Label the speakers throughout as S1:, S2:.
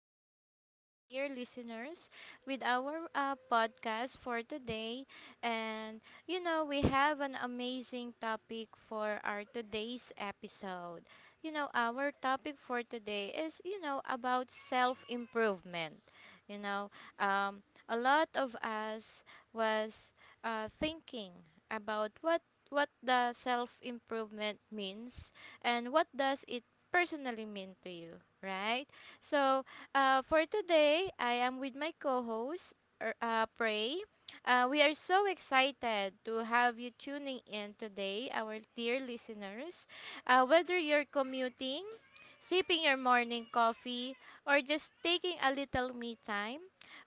S1: again, our dear listeners, with our podcast for today. And we have an amazing topic for our today's episode. Our topic for today is, about self improvement. You know, um, a lot of us was thinking about what the self improvement means and what does it personally mean to you, right? So, for today, I am with my co host, Prey. We are so excited to have you tuning in today, our dear listeners. Whether you're commuting, sipping your morning coffee, or just taking a little me time,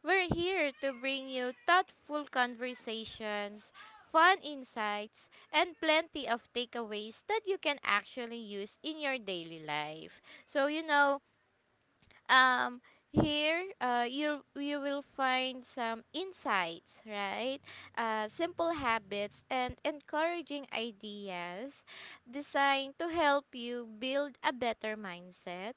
S1: we're here to bring you thoughtful conversations, fun insights, and plenty of takeaways that you can actually use in your daily life. So, um here you will find some insights, right? Simple habits and encouraging ideas designed to help you build a better mindset,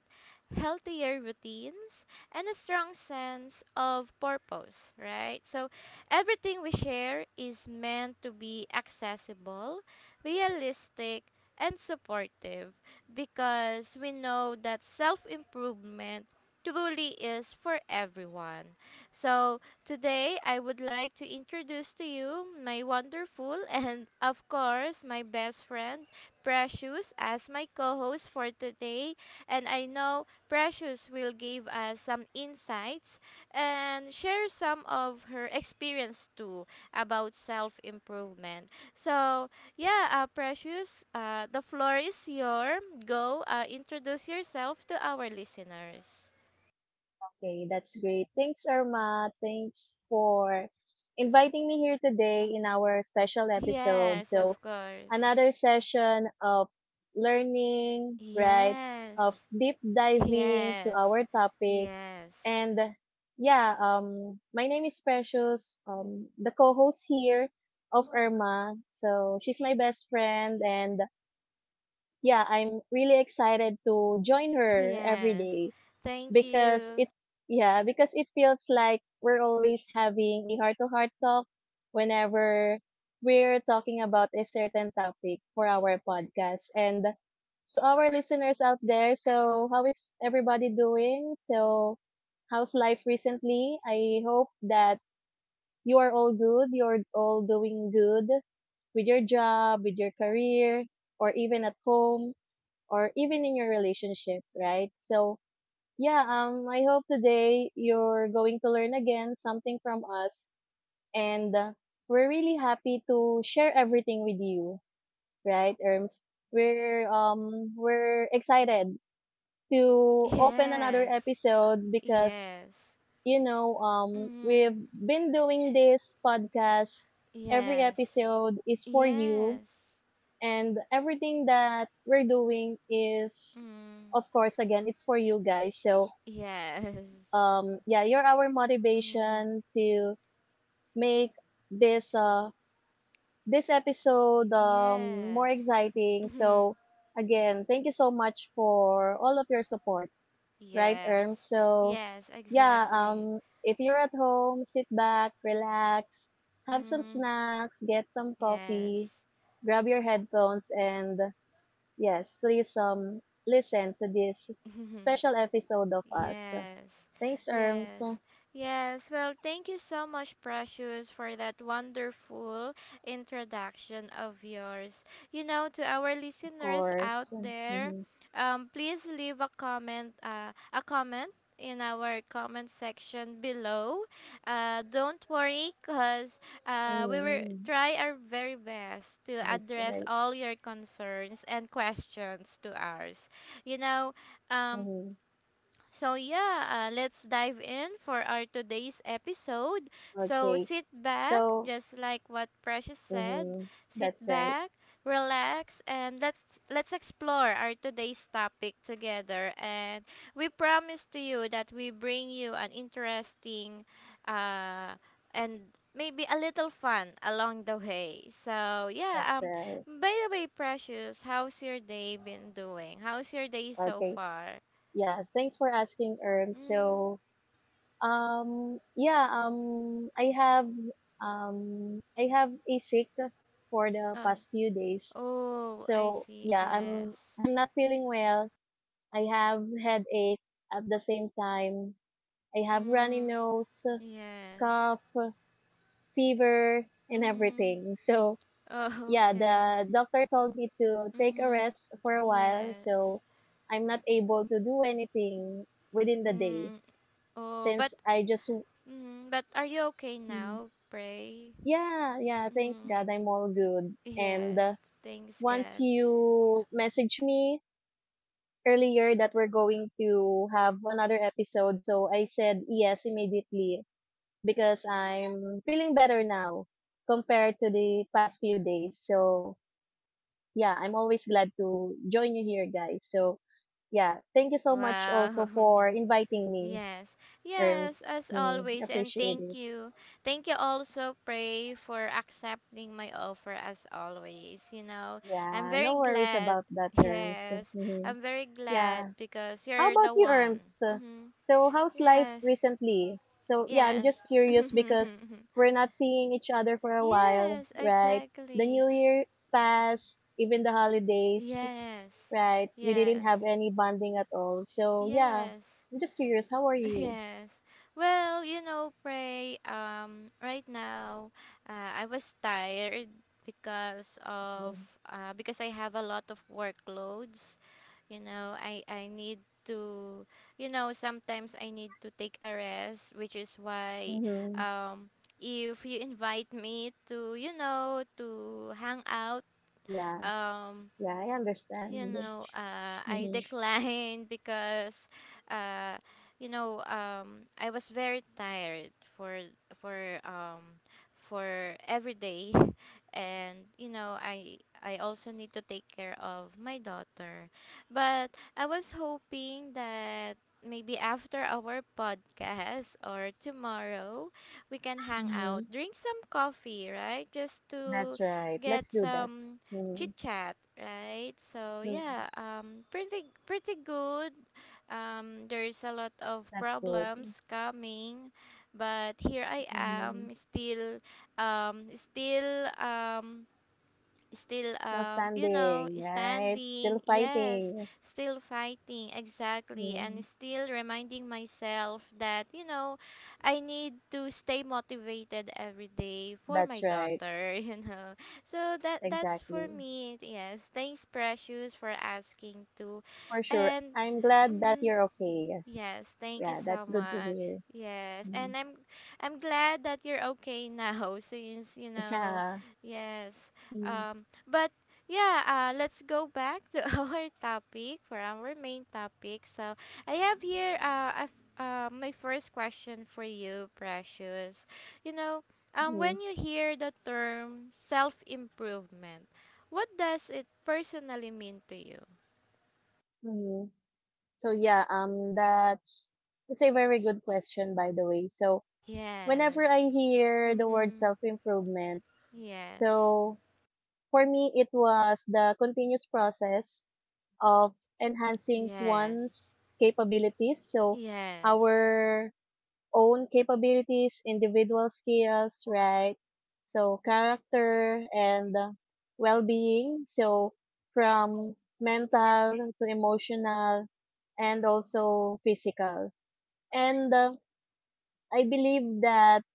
S1: healthier routines, and a strong sense of purpose, right? So everything we share is meant to be accessible, realistic, and supportive, because we know that self improvement truly is for everyone. So, today I would like to introduce to you my wonderful and, of course, my best friend, Precious, as my co host for today. And I know Precious will give us some insights and share some of her experience too about self improvement. So, yeah, Precious, the floor is yours. Go introduce yourself to our listeners.
S2: Okay, that's great. Thanks, Irma. Thanks for inviting me here today in our special episode.
S1: Yes,
S2: So,
S1: of course.
S2: another session of learning, right? Of
S1: Yes.
S2: deep diving to
S1: Yes.
S2: our topic.
S1: Yes.
S2: And yeah, my name is Precious, the co-host here of Irma. So, she's my best friend and yeah, I'm really excited to join her every
S1: Yes.
S2: day.
S1: Thank
S2: because
S1: you.
S2: it's yeah because it feels like we're always having a heart to heart talk whenever we're talking about a certain topic for our podcast and to our listeners out there. So how is everybody doing? So how's life recently? I hope that you are all good, you're all doing good with your job, with your career, or even at home, or even in your relationship, right? So yeah, I hope today you're going to learn again something from us. And we're really happy to share everything with you, right, Erms? We're excited to open another
S1: Yes.
S2: episode because,
S1: Yes. Mm.
S2: we've been doing this podcast. Every
S1: Yes.
S2: episode is for you.
S1: Yes.
S2: And everything that we're doing is,
S1: Mm.
S2: of course, again, it's for you guys. So,
S1: Yes.
S2: yeah, you're our
S1: Mm.
S2: motivation to make this uh this episode more
S1: Yes.
S2: exciting.
S1: Mhm.
S2: So again, thank you so much for all of your support, right, Erm?
S1: Yes.
S2: So
S1: Yes,
S2: yeah
S1: exactly.
S2: if you're at home, sit back, relax, have some
S1: Mm.
S2: snacks, get some coffee,
S1: Yes.
S2: grab your headphones, and yes please, listen to this special episode of us.
S1: Yes,
S2: Thanks, Erms.
S1: yes, yes. Well, thank you so much, Precious, for that wonderful introduction of yours. You know, to our listeners out
S2: Course.
S1: there,
S2: Mhm.
S1: please leave a comment, a comment in our comment section below. Don't worry, cause we will
S2: Mm,
S1: try our very best to
S2: that's
S1: address
S2: right.
S1: all your concerns and questions to ours. You know, um
S2: Mhm.
S1: so, yeah, let's dive in for our today's episode. So,
S2: Okay.
S1: sit back,
S2: So,
S1: just like what Precious said.
S2: mhm,
S1: Sit
S2: that's right.
S1: back, relax, and let's explore our today's topic together. And we promise to you that we bring you an interesting uh and maybe a little fun along the way. So, yeah,
S2: That's right.
S1: by the way, Precious, how's your day been doing? How's your day so
S2: Okay.
S1: far?
S2: Yeah, thanks for asking.
S1: Mm.
S2: So, um, yeah, um, I have, I have a sick for the
S1: Uh,
S2: past few days.
S1: oh, I
S2: So,
S1: see.
S2: yeah, I'm,
S1: Yes.
S2: I'm not feeling well. I have headache at the same time. I have runny
S1: Mm,
S2: nose,
S1: yes.
S2: cough, fever and
S1: Mm,
S2: everything. So
S1: oh,
S2: yeah,
S1: okay.
S2: the doctor told me to take a
S1: Mm-hmm.
S2: rest for a while.
S1: Yes.
S2: So I'm not able to do anything within the day
S1: Mm, oh, but
S2: since I just
S1: but are you okay
S2: Mm.
S1: now, Pray?
S2: Yeah, yeah, thanks God
S1: Mm,
S2: I'm all
S1: y-
S2: good. And
S1: yes. Thanks
S2: once
S1: God.
S2: you message me earlier that we're going to have another episode, so I said yes immediately because I'm feeling better now compared to the past few days. So yeah, I'm always glad to join you here, guys. So, yeah, thank you so much also
S1: Wow.
S2: for inviting me,
S1: Yes, yes,
S2: Erms.
S1: as
S2: Mm,
S1: always, and
S2: appreciate
S1: thank
S2: it.
S1: you. Thank you also, Pray, for accepting my offer as always. You know, I'm
S2: Yeah, no
S1: very
S2: worries
S1: glad.
S2: about that, Erms.
S1: Yes,
S2: Hmm.
S1: I'm very glad
S2: Yeah.
S1: because
S2: How
S1: you're
S2: about
S1: the
S2: you,
S1: one.
S2: Erms?
S1: Mm-hmm.
S2: So, how's life
S1: Yes,
S2: recently? So, yeah, I'm
S1: yes.
S2: just curious because we're not seeing each other for a while,
S1: yes,
S2: right? The
S1: exactly.
S2: new year passed, even the holidays,
S1: Yes,
S2: right? We didn't have
S1: yes,
S2: any bonding at all. So, yeah,
S1: yes.
S2: I'm just curious, how are you?
S1: Yes. Well, you know, Pray, right now, I was tired because of
S2: Mm-hmm.
S1: because I have a lot of workloads. You know, I need to, you know, sometimes I need to take a rest, which is why
S2: Mm-hmm.
S1: um if you invite me to, you know, to hang out,
S2: Yeah,
S1: um
S2: yeah, I
S1: you
S2: understand.
S1: know, I
S2: Mm-hmm.
S1: declined because, uh, you know, I was very tired for for for every day, and you know, I also need to take care of my daughter, but I was hoping that maybe after our podcast or tomorrow we can hang out,
S2: Mm-hmm.
S1: drink some coffee, right? Just to
S2: That's right. Let's
S1: get
S2: do that.
S1: some chit
S2: Mm-hmm.
S1: chat, right? So
S2: Mm-hmm.
S1: yeah, pretty good. There is a lot of
S2: That's good.
S1: problems coming, but here I
S2: Mm-hmm.
S1: am still, um, still um, still
S2: Still
S1: um you know
S2: standing, right?
S1: standing,
S2: Still
S1: yes,
S2: fighting.
S1: still fighting, exactly, and
S2: Mm.
S1: still reminding myself that, you know, I need to stay motivated every day for my
S2: That's right.
S1: daughter, you know, so that's for
S2: Exactly.
S1: me. Yes, thanks Precious for asking too.
S2: For sure.
S1: And
S2: I'm glad that
S1: mm-hmm,
S2: you're okay.
S1: yes, thank you
S2: Yeah,
S1: so
S2: that's good to
S1: much.
S2: hear.
S1: Yes,
S2: Mm.
S1: and I'm glad that you're okay now, since, you know,
S2: Yeah.
S1: yes. Um, but yeah, let's go back to our topic, for our main topic. So, I have here my first question for you, Precious. You know,
S2: Mm-hmm.
S1: when you hear the term self-improvement, what does it personally mean to you?
S2: Mm-hmm. So that's a very good question, by the way. So whenever
S1: Yes.
S2: I hear the word
S1: Mhm.
S2: self improvement,
S1: Yes.
S2: so for me, it was the continuous process of enhancing
S1: Yes.
S2: one's
S1: Y-
S2: capabilities. So,
S1: yes.
S2: our own capabilities, individual skills, right? So, character and well being. So, from mental to emotional and also physical. And I believe that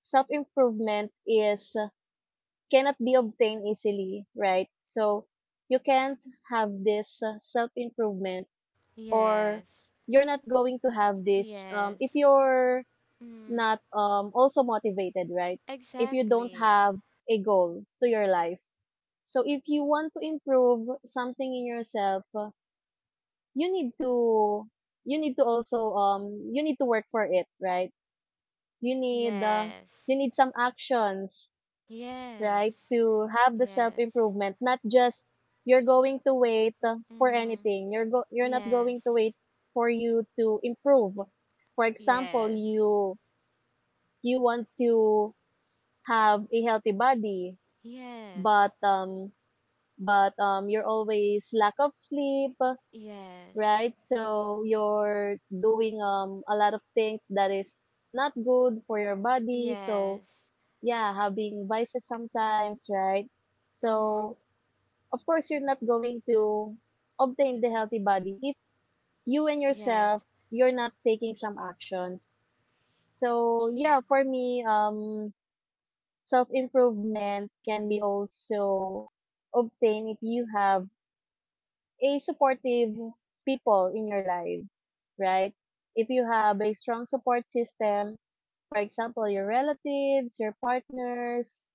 S2: self improvement is cannot be obtained easily, right? So you can't have this self improvement, or
S1: Yes.
S2: you're not going to have this if
S1: Yes.
S2: you're not
S1: Mm.
S2: um, also motivated, right? If you don't
S1: Exactly.
S2: have a goal to your life. So if you want to improve something in yourself, you need to you need to also you need to work for it, right? You need uh, you
S1: Yes.
S2: need some actions, right?
S1: Yes.
S2: To have the self
S1: Yes.
S2: improvement, not just you're going to wait for
S1: Mm.
S2: anything. You're not going to wait
S1: Yes.
S2: for you to improve. For example,
S1: Yes.
S2: you want to have a healthy body, but
S1: Yes.
S2: you're always lack of sleep,
S1: Yes.
S2: right? So you're doing a lot of things that is not good for your body. So
S1: Yes.
S2: yeah, having vices sometimes, right?
S1: Mm.
S2: So of course you're not going to obtain the healthy body if you and yourself
S1: Yes.
S2: you're not taking some actions. So yeah, for me, self improvement can be also obtained if you have a supportive people in your lives, right? If you have a strong support system, for example your relatives, your partners.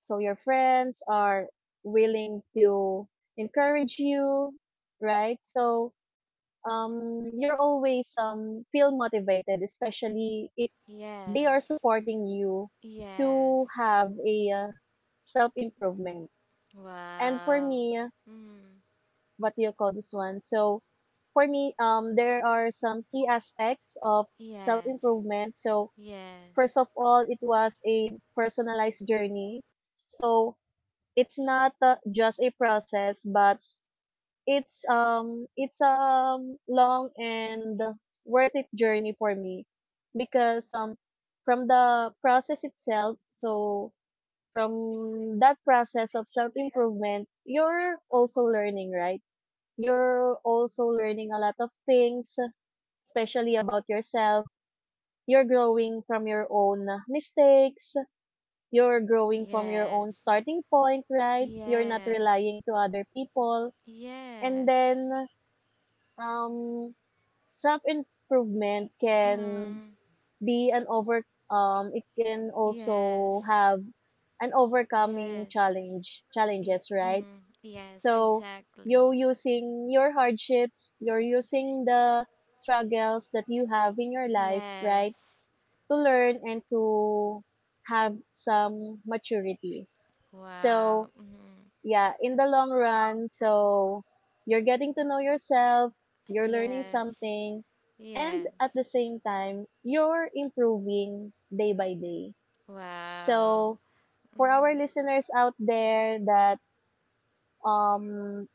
S2: So your friends are willing to encourage you, right? So you're always feel motivated, especially if they are
S1: Yes.
S2: supporting you to
S1: Yes.
S2: have a self improvement. And for
S1: Wow.
S2: me,
S1: Mm.
S2: what do you call this one? So for me, there are some key aspects of self
S1: Yes.
S2: improvement. So first
S1: Yes.
S2: of all, it was a personalized journey. So it's not just a process, but it's a long and worth it journey for me because from the process itself. So from that process of self improvement, you're also learning, right? You're also learning a lot of things, especially about yourself. You're growing from your own mistakes, you're growing from your own
S1: Yes.
S2: starting point, right? You're not
S1: Yes.
S2: relying to other people. And
S1: Yes.
S2: then, um, self-improvement can
S1: Mm,
S2: be an over, it can also
S1: yes.
S2: have an
S1: Yes. Y-
S2: challenges, right?
S1: mm, yes,
S2: So, you're
S1: exactly.
S2: using your hardships, you're using the struggles that you have in your life, right?
S1: Yes.
S2: To learn and to have some maturity. So,
S1: Wow. Mm,
S2: yeah, in the long run. So you're getting to know yourself, you're learning
S1: yes.
S2: something, and at
S1: Yes.
S2: the same time, you're improving day by day.
S1: Wow.
S2: So for our
S1: Mm,
S2: listeners out there that um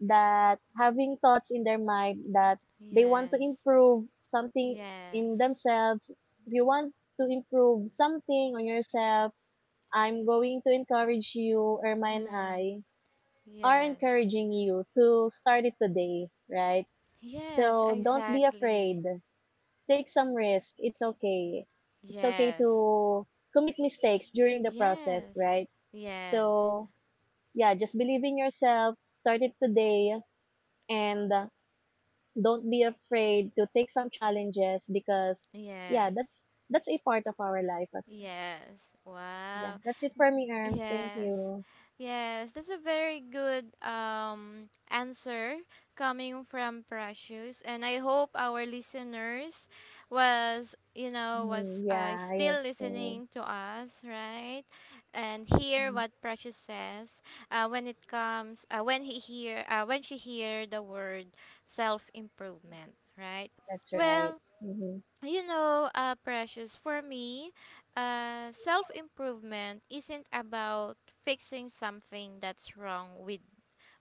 S2: that having thoughts in their mind that they want to
S1: yes.
S2: improve something in
S1: Yes.
S2: themselves, if you want to improve something on yourself, I'm going to encourage you, Irma and
S1: Mm,
S2: I, are
S1: yes.
S2: encouraging you to start it today, right?
S1: Yes,
S2: So don't be
S1: exactly.
S2: afraid. Take some risk. It's okay. It's okay
S1: Yes.
S2: to commit mistakes during the process,
S1: Yes.
S2: right?
S1: Yes.
S2: So, yeah, just believe in yourself, start it today, and don't be afraid to take some challenges because, yeah,
S1: Yes.
S2: that's a part of our life as well.
S1: Yes.
S2: Yeah,
S1: Wow.
S2: that's it for me, Arms. Thank
S1: Yes.
S2: you.
S1: Yes, that's a very good answer coming from Precious, and I hope our listeners was you know
S2: Mhm,
S1: was
S2: yeah, I hope
S1: still
S2: so.
S1: listening to us, right? And hear
S2: Mm,
S1: what Precious says when it comes when he hear when she hear the word self improvement, right?
S2: that's right.
S1: Well,
S2: Mhm.
S1: you know, precious, for me, self improvement isn't about fixing something that's wrong with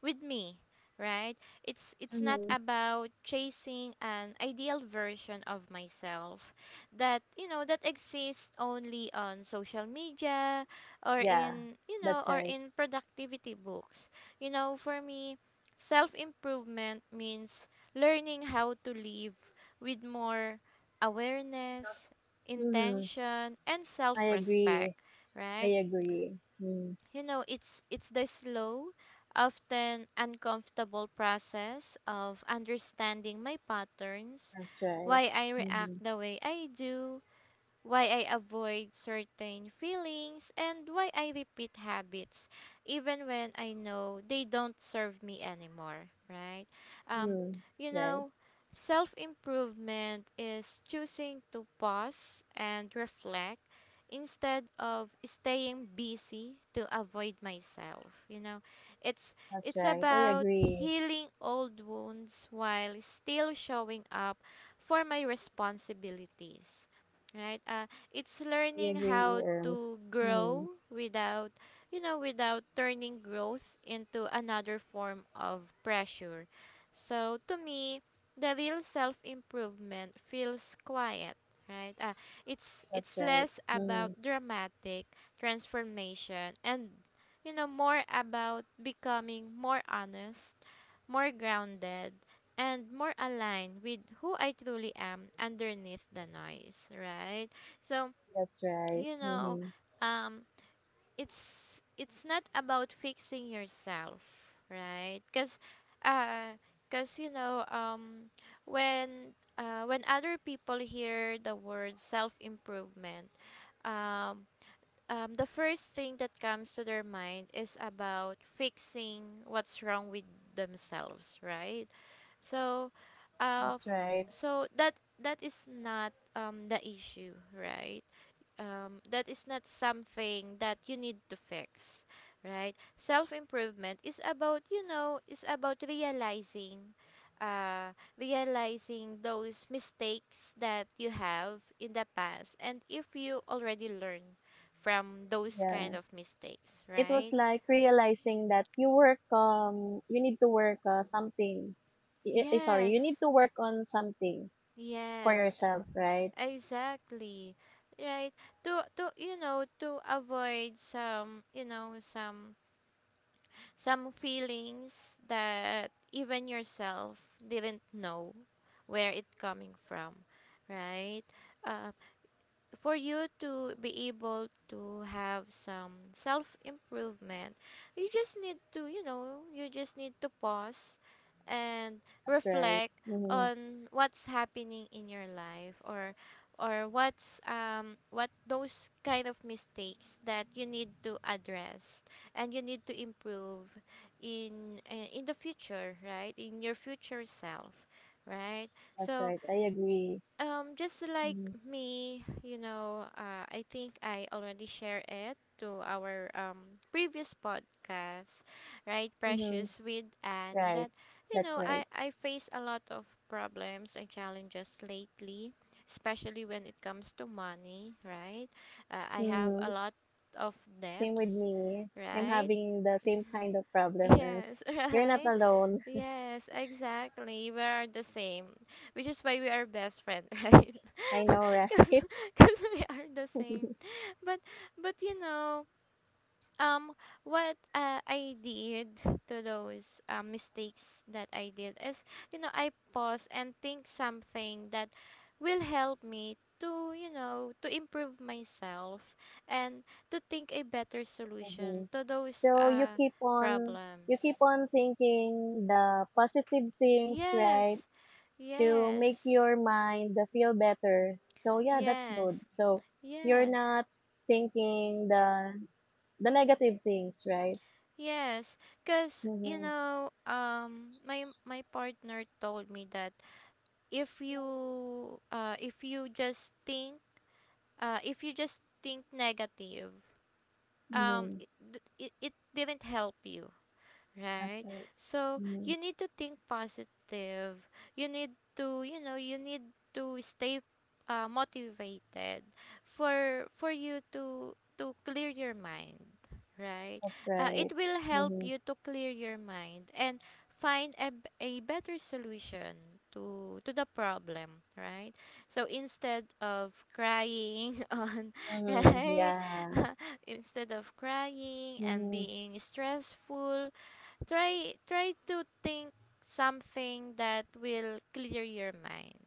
S1: me, right? It's not
S2: Mhm.
S1: about chasing an ideal version of myself that, you know, that exists only on social media, or
S2: Yeah,
S1: in, you know,
S2: that's
S1: or
S2: right.
S1: in productivity books. You know, for me, self improvement means learning how to live with more awareness,
S2: Mhm.
S1: intention, and
S2: I
S1: self
S2: agree.
S1: respect,
S2: I
S1: right?
S2: agree. Mm,
S1: You know, it's the slow, often uncomfortable process of understanding my patterns,
S2: that's right.
S1: why I react
S2: Mhm.
S1: the way I do, why I avoid certain feelings, and why I repeat habits even when I know they don't serve me anymore, right? Um,
S2: Mhm.
S1: you
S2: Right.
S1: know, self improvement is choosing to pause and reflect instead of staying busy to avoid myself. You know, it's
S2: That's
S1: it's
S2: right. I
S1: about
S2: agree.
S1: healing old wounds while still showing up for my responsibilities, right. It's
S2: I
S1: learning
S2: agree.
S1: how to grow
S2: Mhm.
S1: without, you know, without turning growth into another form of pressure. So to me the real self improvement feels quiet, right. uh, it's
S2: That's
S1: it's
S2: right.
S1: less about
S2: Mhm.
S1: dramatic transformation and, you know, more about becoming more honest, more grounded, and more aligned with who I truly am underneath the noise, right? So,
S2: That's right.
S1: you know,
S2: Mhm.
S1: um it's not about fixing yourself, right? Uh cuz you know, when other people hear the word self improvement, um the first thing that comes to their mind is about fixing what's wrong with themselves, right? So, uh,
S2: That's
S1: f-
S2: right.
S1: so that is not the issue, right? Um, that is not something that you need to fix, right. Self improvement is about, you know, is about realizing uh realizing those mistakes that you have in the past, and if you already learn from those kind
S2: Yeah.
S1: of mistakes,
S2: It was
S1: right?
S2: like realizing that you work you need to work something. Sorry, you need
S1: Yes,
S2: to work on something for
S1: yes,
S2: yourself, right?
S1: exactly, right. To you know, to avoid some, you know, some feelings that even yourself didn't know where it coming from, right. Uh, for you to be able to have some self improvement, you just need to, you know, you just need to pause and
S2: That's right.
S1: reflect
S2: Mhm.
S1: on what's happening in your life, or what's what those kind of mistakes that you need to address and you need to improve in the future, right, in your future self, right.
S2: That's
S1: So
S2: right. I agree.
S1: just like
S2: Mhm.
S1: me, you know, I think I already shared it to our previous podcast, right,
S2: Mhm.
S1: Precious, with and
S2: Right.
S1: that, you
S2: That's
S1: know,
S2: right.
S1: I face a lot of problems and challenges lately, especially when it comes to money, right? I have a
S2: Mhm.
S1: lot of
S2: Same with
S1: debts,
S2: me. I'm
S1: right?
S2: having the same kind of problem, Erms.
S1: Yes,
S2: You're not
S1: right.
S2: alone.
S1: Yes, exactly. We are the same, which is why we are best friend, right?
S2: I know, right?
S1: Because we are the same. But but you know, um, what I did to those mistakes that I did is, you know, I pause and think something that will help me to, you know, to improve myself, and to think a better solution
S2: Mhm.
S1: to those
S2: So you keep on
S1: problems.
S2: thinking the positive things, right?
S1: Yes.
S2: To make
S1: Yes,
S2: your mind feel better. So yeah, that's good.
S1: yes,
S2: So you're
S1: yes,
S2: not thinking the negative things, right?
S1: yes. Cause you
S2: Mm-hmm.
S1: know, my my partner told me that if you, if you just think negative, um,
S2: Mm-hmm.
S1: it, it didn't help you,
S2: That's
S1: right?
S2: right.
S1: So
S2: Mhm.
S1: you need to think positive. You need to, you know, you need to stay motivated for you to clear your mind, right?
S2: That's right.
S1: It will help
S2: Mhm.
S1: you to clear your mind and find a, a better solution to the problem, right? So instead of crying on,
S2: Mhm.
S1: right?
S2: Yeah.
S1: instead of crying and
S2: Mhm.
S1: being stressful, try to think something that will clear your mind.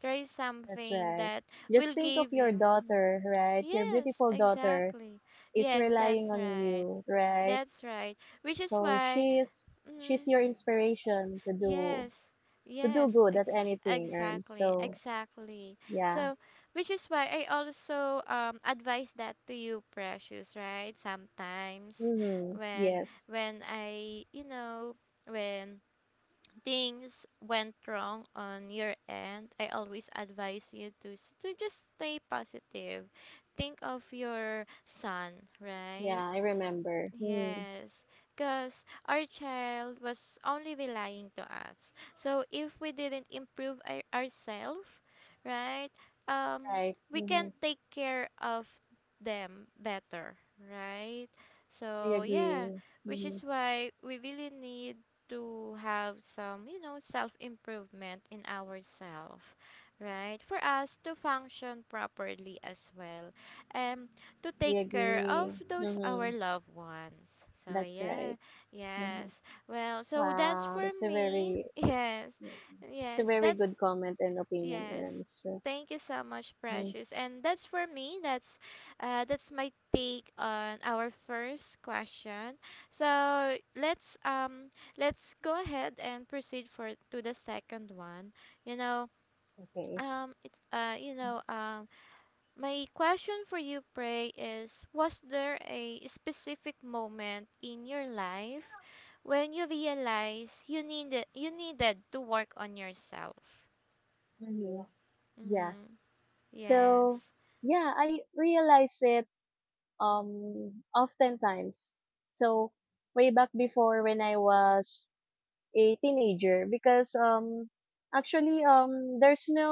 S1: Try
S2: That's
S1: something
S2: right.
S1: that
S2: Just
S1: will
S2: think of
S1: give
S2: your
S1: you mm,
S2: daughter, right? Your
S1: yes,
S2: beautiful daughter
S1: exactly.
S2: is
S1: Yes,
S2: relying
S1: that's
S2: on
S1: right.
S2: you, right?
S1: That's right. Which is
S2: So
S1: why
S2: she's
S1: mm,
S2: your inspiration to
S1: yes.
S2: do
S1: Yes,
S2: good at anything, Erms.
S1: exactly.
S2: So
S1: Exactly.
S2: yeah.
S1: So, which is why I also advise that to you, Precious, right? Sometimes
S2: Mhm.
S1: when
S2: Yes.
S1: when I, you know, when things went wrong on your end, I always advise you to just stay positive. Think of your son, right?
S2: Yeah, I remember. Mhm.
S1: Yes, because our child was only relying to us. So if we didn't improve ourselves, right, um,
S2: Right.
S1: we can
S2: Mhm.
S1: take care of them better, right?
S2: I
S1: So yeah,
S2: agree.
S1: which
S2: Mhm.
S1: is why we really need to have some self improvement in ourselves, right? For us to function properly as well. And to
S2: I
S1: take care of
S2: agree.
S1: those our
S2: Mhm.
S1: loved ones. So
S2: That's
S1: yeah,
S2: right. Mhm.
S1: yes. Well, so that's
S2: Wow,
S1: for
S2: that's a
S1: me.
S2: very
S1: Yes.
S2: Yeah. It's a
S1: Yes,
S2: very good
S1: that's
S2: comment and opinion,
S1: yes.
S2: Erms. So,
S1: Thank you so much,
S2: mm,
S1: Precious. And that's for me. That's my take on our first question. So let's go ahead and proceed for to the second one. You know,
S2: okay.
S1: it's you know my question for you, pray, is: was there a specific moment in your life when you realized you needed to work on yourself?
S2: Mhm. Yeah.
S1: Mm,
S2: So,
S1: yes.
S2: yeah, I realize it oftentimes. So, way back before when I was a teenager, because actually there's no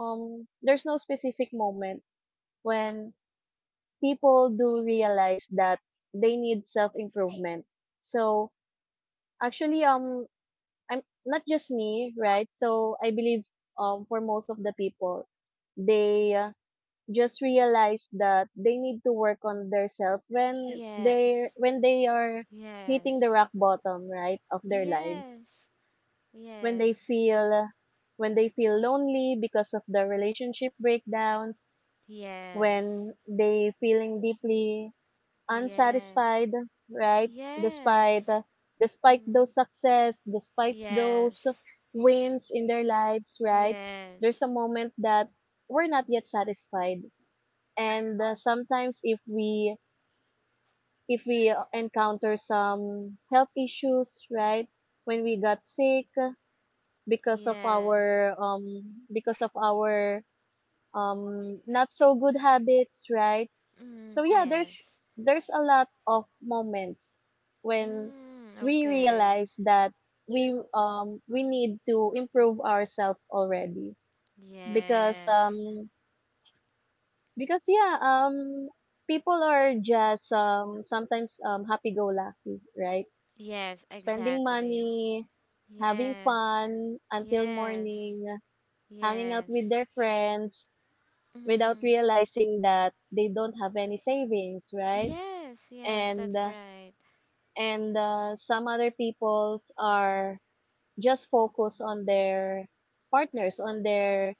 S2: specific moment when people do realize that they need self improvement. So, actually I'm not just me, right? So I believe for most of the people, they just realize that they need to work on themselves
S1: Yes.
S2: when they are hitting the
S1: Yes.
S2: rock bottom, right, of their lives.
S1: Yes.
S2: When they
S1: Yes.
S2: feel lonely because of the relationship breakdowns,
S1: Yes.
S2: when they feeling deeply
S1: Yes.
S2: unsatisfied, right? Despite
S1: Yes.
S2: despite
S1: Mm,
S2: those success, despite those
S1: yes.
S2: wins in their lives, right? There's
S1: Yes.
S2: a moment that we're not yet satisfied. And sometimes if we encounter some health issues, right? When we got sick because of
S1: Yes.
S2: our because of our not so good habits, right?
S1: Mm,
S2: So yeah,
S1: yes.
S2: there's a lot of moments when
S1: Mm,
S2: we
S1: okay.
S2: realize that we need to improve ourselves already because
S1: Yes.
S2: because yeah um people are just sometimes happy go lucky, right?
S1: Yes,
S2: Spending
S1: exactly.
S2: money, having
S1: Yes.
S2: fun until
S1: Yes.
S2: morning, hanging out
S1: Yes.
S2: with their friends without
S1: Mm-hmm.
S2: realizing that they don't have any savings, right?
S1: Yes, yes,
S2: And
S1: that's
S2: uh,
S1: right.
S2: and some other people's are just focused on their partners on their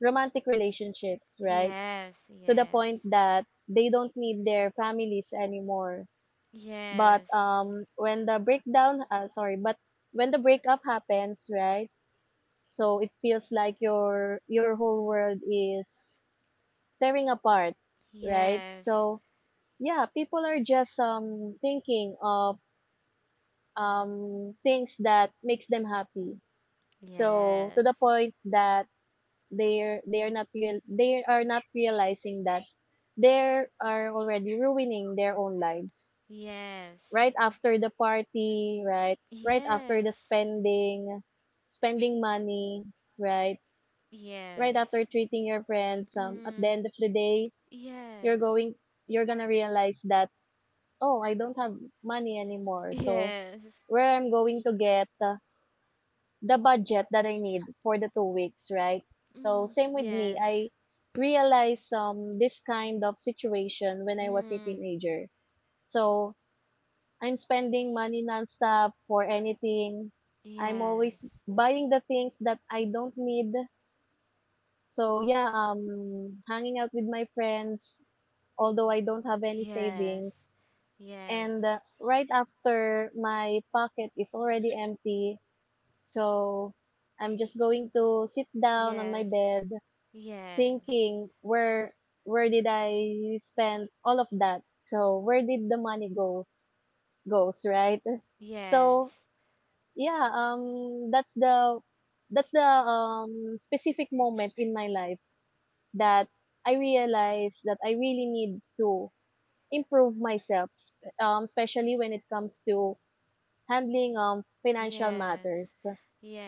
S2: romantic relationships, right?
S1: Yes,
S2: To the
S1: yes.
S2: point that they don't need their families anymore. But
S1: Yes.
S2: when the breakdown sorry but when the breakup happens, right? So it feels like your whole world is tearing apart, right?
S1: Yes.
S2: So yeah, people are just thinking of things that makes them happy. So to the
S1: Yes.
S2: point that they are not realizing that they are already ruining their own lives.
S1: Yes.
S2: Right after the party, right after the
S1: Yes.
S2: spending, money, right? Right
S1: Yes.
S2: after treating your friends. At the
S1: Mm.
S2: end of the day, you're
S1: Yes.
S2: going you're gonna realize that, oh, I don't have money anymore. So
S1: Yes.
S2: where I'm going to get the budget that I need for the 2 weeks, right? So
S1: Mm.
S2: same with me,
S1: Yes.
S2: I realized this kind of situation when I was a
S1: Mm.
S2: teenager. So I'm spending money nonstop for anything. I'm always
S1: Yes.
S2: buying the things that I don't need. So yeah, hanging out with my friends, although I don't have any
S1: Yes.
S2: savings, and
S1: Yes.
S2: right after my pocket is already empty. So I'm just going to sit down on my
S1: Yes,
S2: bed
S1: yes,
S2: thinking, where did I spend all of that? So where did the money go goes, right? So
S1: yes,
S2: yeah, that's the specific moment in my life that I realized that I really need to improve myself, especially when it comes to handling financial
S1: yes,
S2: matters,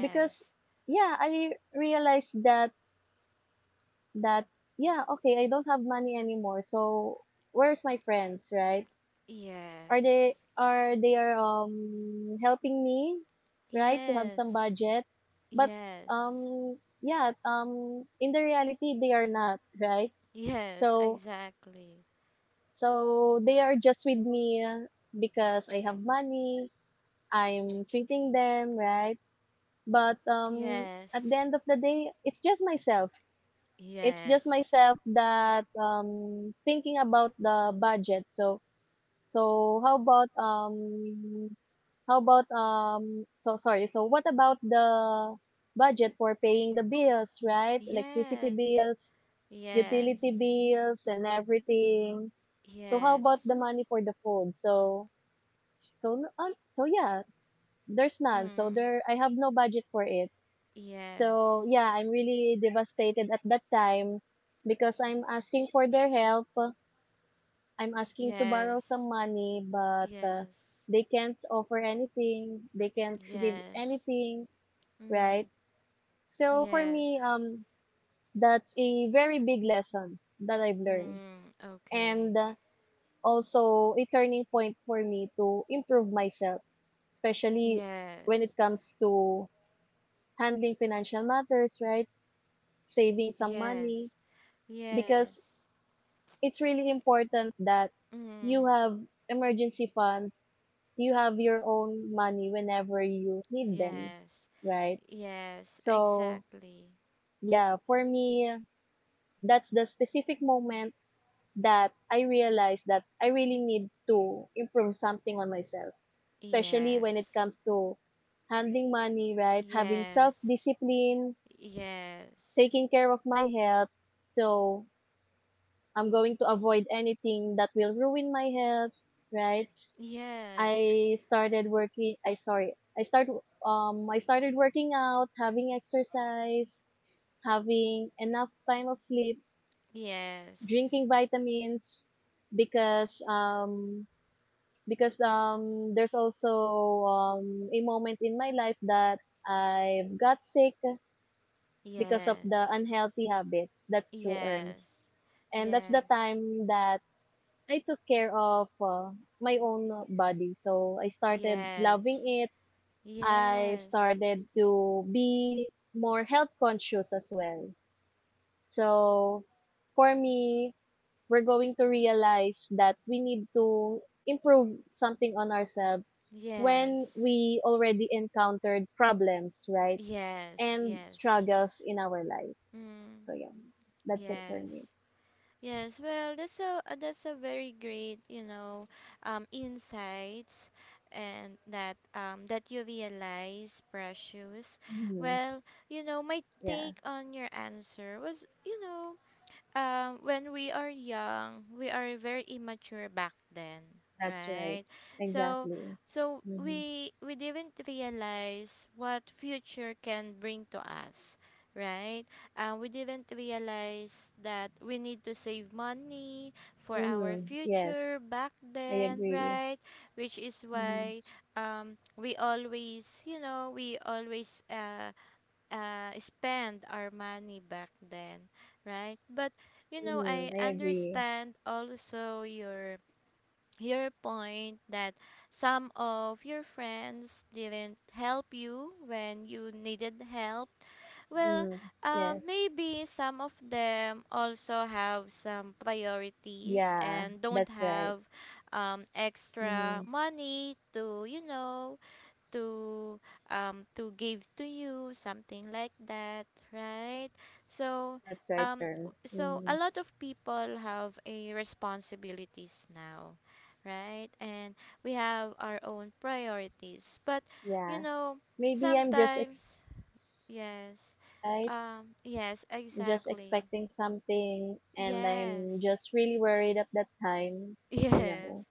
S2: because yeah, I realized that I don't have money anymore. So where's my friends, right? are
S1: yes,
S2: they are they are um helping me, right? To have some
S1: yes,
S2: budget. But
S1: yes,
S2: um yeah in the reality, they are not, right?
S1: yes,
S2: So
S1: exactly.
S2: they are just with me because I have money, I'm treating them, right? But at the
S1: Yes,
S2: end of the day, it's just myself. It's just
S1: yes,
S2: myself that thinking about the budget. So so how about so sorry. So what about the budget for paying the bills, right? Electricity
S1: yes,
S2: bills, utility
S1: yes,
S2: bills, and everything. So how about
S1: yes,
S2: the money for the food? So yeah, there's none. So
S1: mm,
S2: there I have no budget for it.
S1: yes,
S2: So yeah, I'm really devastated at that time because I'm asking for their help. I'm asking to borrow
S1: yes,
S2: some money, but
S1: yes,
S2: they can't offer anything. They can't give
S1: yes,
S2: anything, right?
S1: mm,
S2: So for me,
S1: yes,
S2: that's a very big lesson that I've learned,
S1: mm,
S2: and
S1: okay,
S2: uh, also a turning point for me to improve myself, especially when it
S1: yes,
S2: comes to handling financial matters, right? Saving some money,
S1: yes.
S2: because
S1: Yes.
S2: it's really important that you
S1: Mm.
S2: have emergency funds, you have your own money whenever you need them,
S1: Yes.
S2: right?
S1: Yes,
S2: So,
S1: exactly.
S2: yeah, for me, that's the specific moment that I realized that I really need to improve something on myself, especially when it
S1: Yes.
S2: comes to handling money, right? Having self
S1: Yes.
S2: discipline,
S1: Yes.
S2: taking care of my health. So I'm going to avoid anything that will ruin my health, right?
S1: Yes.
S2: I started working. I sorry. I start. I started working out, having exercise, having enough time of sleep, drinking vitamins, because there's also a moment in my life that I got sick because of the
S1: Yes.
S2: unhealthy habits. That's true, Erms.
S1: Yes.
S2: And that's the time that I took care of my own body. So I
S1: Yes.
S2: started loving
S1: Yes.
S2: it. I
S1: Yes.
S2: started to be more health conscious as well. So for me, we're going to realize that we need to improve something on ourselves
S1: Yes.
S2: when
S1: Yes.
S2: we already encountered problems, right?
S1: Yes.
S2: And
S1: Yes.
S2: struggles in our life.
S1: Mm.
S2: So yeah, that's it for
S1: Yes.
S2: me.
S1: Yes, well, that's a very great, insights and that you realize, Precious.
S2: Hmm.
S1: Well, my
S2: Yeah,
S1: take on your answer was, when we are young, we are very immature back then,
S2: that's right.
S1: right? So,
S2: Exactly.
S1: so,
S2: Mm-hmm.
S1: we didn't realize what future can bring to us, right? We didn't realize that we need to save money for our
S2: Mm-hmm.
S1: future
S2: Yes,
S1: back
S2: I
S1: then,
S2: agree.
S1: right? Which is why
S2: Mm-hmm.
S1: we always, spend our money back then, right? But I
S2: Mm-hmm. I agree.
S1: understand also your point that some of your friends didn't help you when you needed help. Well,
S2: Mm, yes.
S1: maybe some of them also have some priorities
S2: Yeah,
S1: and don't
S2: that's right.
S1: have extra
S2: Mm-hmm.
S1: money to, to give to you, something like that, right? So
S2: That's right, Ernst.
S1: a
S2: Mm,
S1: lot of people have a responsibilities now, right, and we have our own priorities, but, you
S2: yeah.
S1: know
S2: Maybe I'm just
S1: sometimes,
S2: expecting too much from
S1: yes,
S2: them, right?
S1: yes,
S2: I'm just
S1: exactly,
S2: expecting something and I'm
S1: yes,
S2: just really worried at that time, you
S1: yes.
S2: know.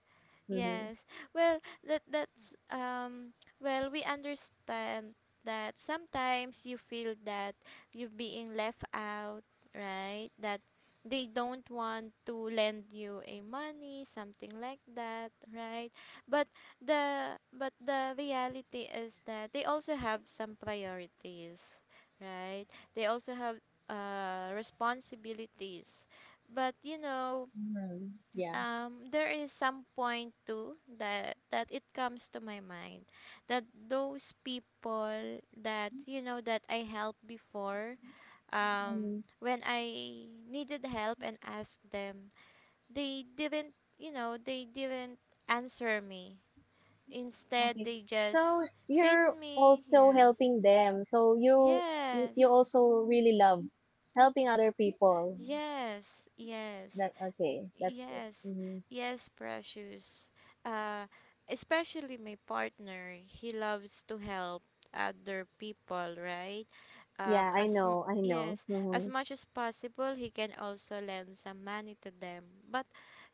S2: Mm-hmm.
S1: Yes. Well, we understand that sometimes you feel that you're being left out, right? That they don't want to lend you a money, something like that, right? But the reality is that they also have some priorities, right? They also have responsibilities. But
S2: Mm-hmm. Yeah.
S1: there is some point too that it comes to my mind that those people that, that I helped before,
S2: Hmm.
S1: when I needed help and asked them, they didn't answer me, instead
S2: Okay.
S1: they
S2: So
S1: just
S2: you're
S1: seen me.
S2: also
S1: Yes.
S2: helping them. So you
S1: Yes.
S2: also really love helping other people.
S1: Yes. Yes.
S2: That okay, that's good.
S1: Yes,
S2: Mm-hmm.
S1: yes, Precious. Uh, Especially my partner, he loves to help other people, right?
S2: Yeah, I know, I know.
S1: Yes, as
S2: Mm-hmm.
S1: much as possible, he can also lend some money to them. But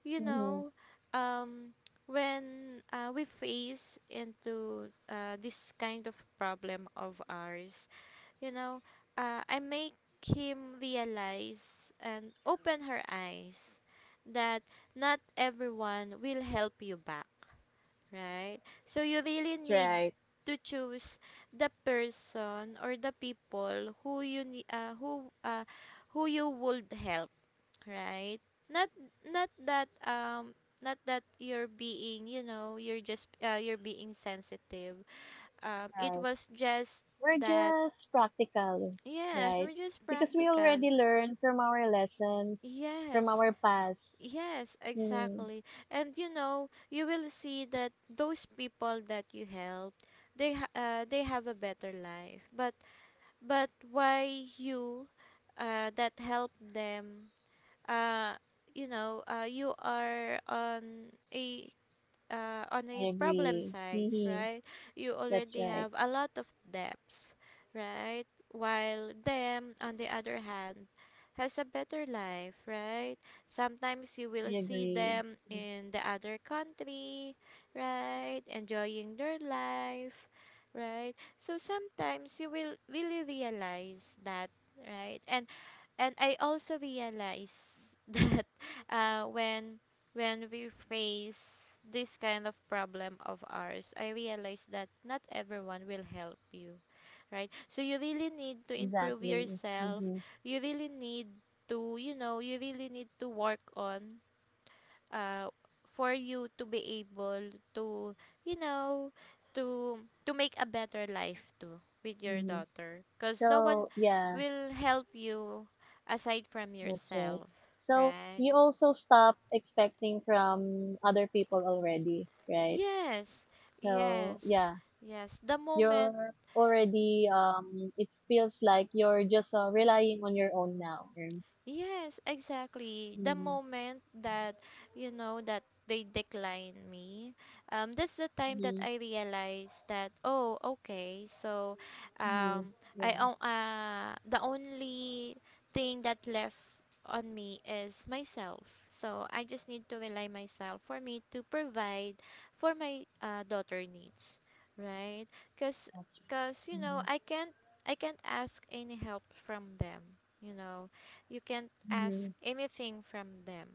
S1: you
S2: Mm-hmm.
S1: know, um, when we face into this kind of problem of ours, you know, I make him realize and open her eyes that not everyone will help you back, right? So you really
S2: That's
S1: need
S2: right.
S1: to choose the person or the people who you would help, right? Not not that um not that you're being sensitive. It
S2: Right.
S1: was just
S2: We're
S1: that.
S2: just practical,
S1: Yes,
S2: right?
S1: we're just
S2: Because we
S1: practical.
S2: already learned from our lessons, from
S1: Yes,
S2: our past.
S1: yes,
S2: Hmm.
S1: exactly. And you will see that those people that you help, they have a better life. But why you, that help them, uh, you are on a
S2: I
S1: problem
S2: agree.
S1: size,
S2: Mm-hmm.
S1: right? You
S2: That's
S1: already
S2: right.
S1: have a lot of debts, right? While them, on the other hand, has a better life, right? Sometimes you will
S2: I
S1: see
S2: agree.
S1: them
S2: Mm.
S1: in the other country, right, enjoying their life, right? So sometimes you will really realize that, right? And I also realize that uh, when when we face this kind of problem of ours, I realize that not everyone will help you, right? So you really need to improve
S2: Exactly.
S1: yourself.
S2: Mm-hmm.
S1: You really need to work on, uh, for you to be able to you know to to make a better life too with your
S2: Mm-hmm.
S1: daughter, because no one
S2: So, yeah,
S1: will help you aside from
S2: that's right.
S1: yourself,
S2: So
S1: right?
S2: you also stop expecting from other people already, right?
S1: Yes,
S2: So,
S1: yes,
S2: yeah,
S1: yes, the moment.
S2: you're already it feels like you're just relying on your own now terms.
S1: Yes, exactly. The
S2: Mm-hmm.
S1: moment that you know that they decline me, that's the time that
S2: Mm-hmm.
S1: I realized that, oh, okay, so,
S2: Mm-hmm. Yeah,
S1: the only thing that left on me is myself. So I just need to rely myself for me to provide for my daughter needs, right? Cause,
S2: that's right.
S1: cause,
S2: Mm-hmm.
S1: I can't ask any help from them, you know you can't
S2: Mm-hmm.
S1: ask anything from them,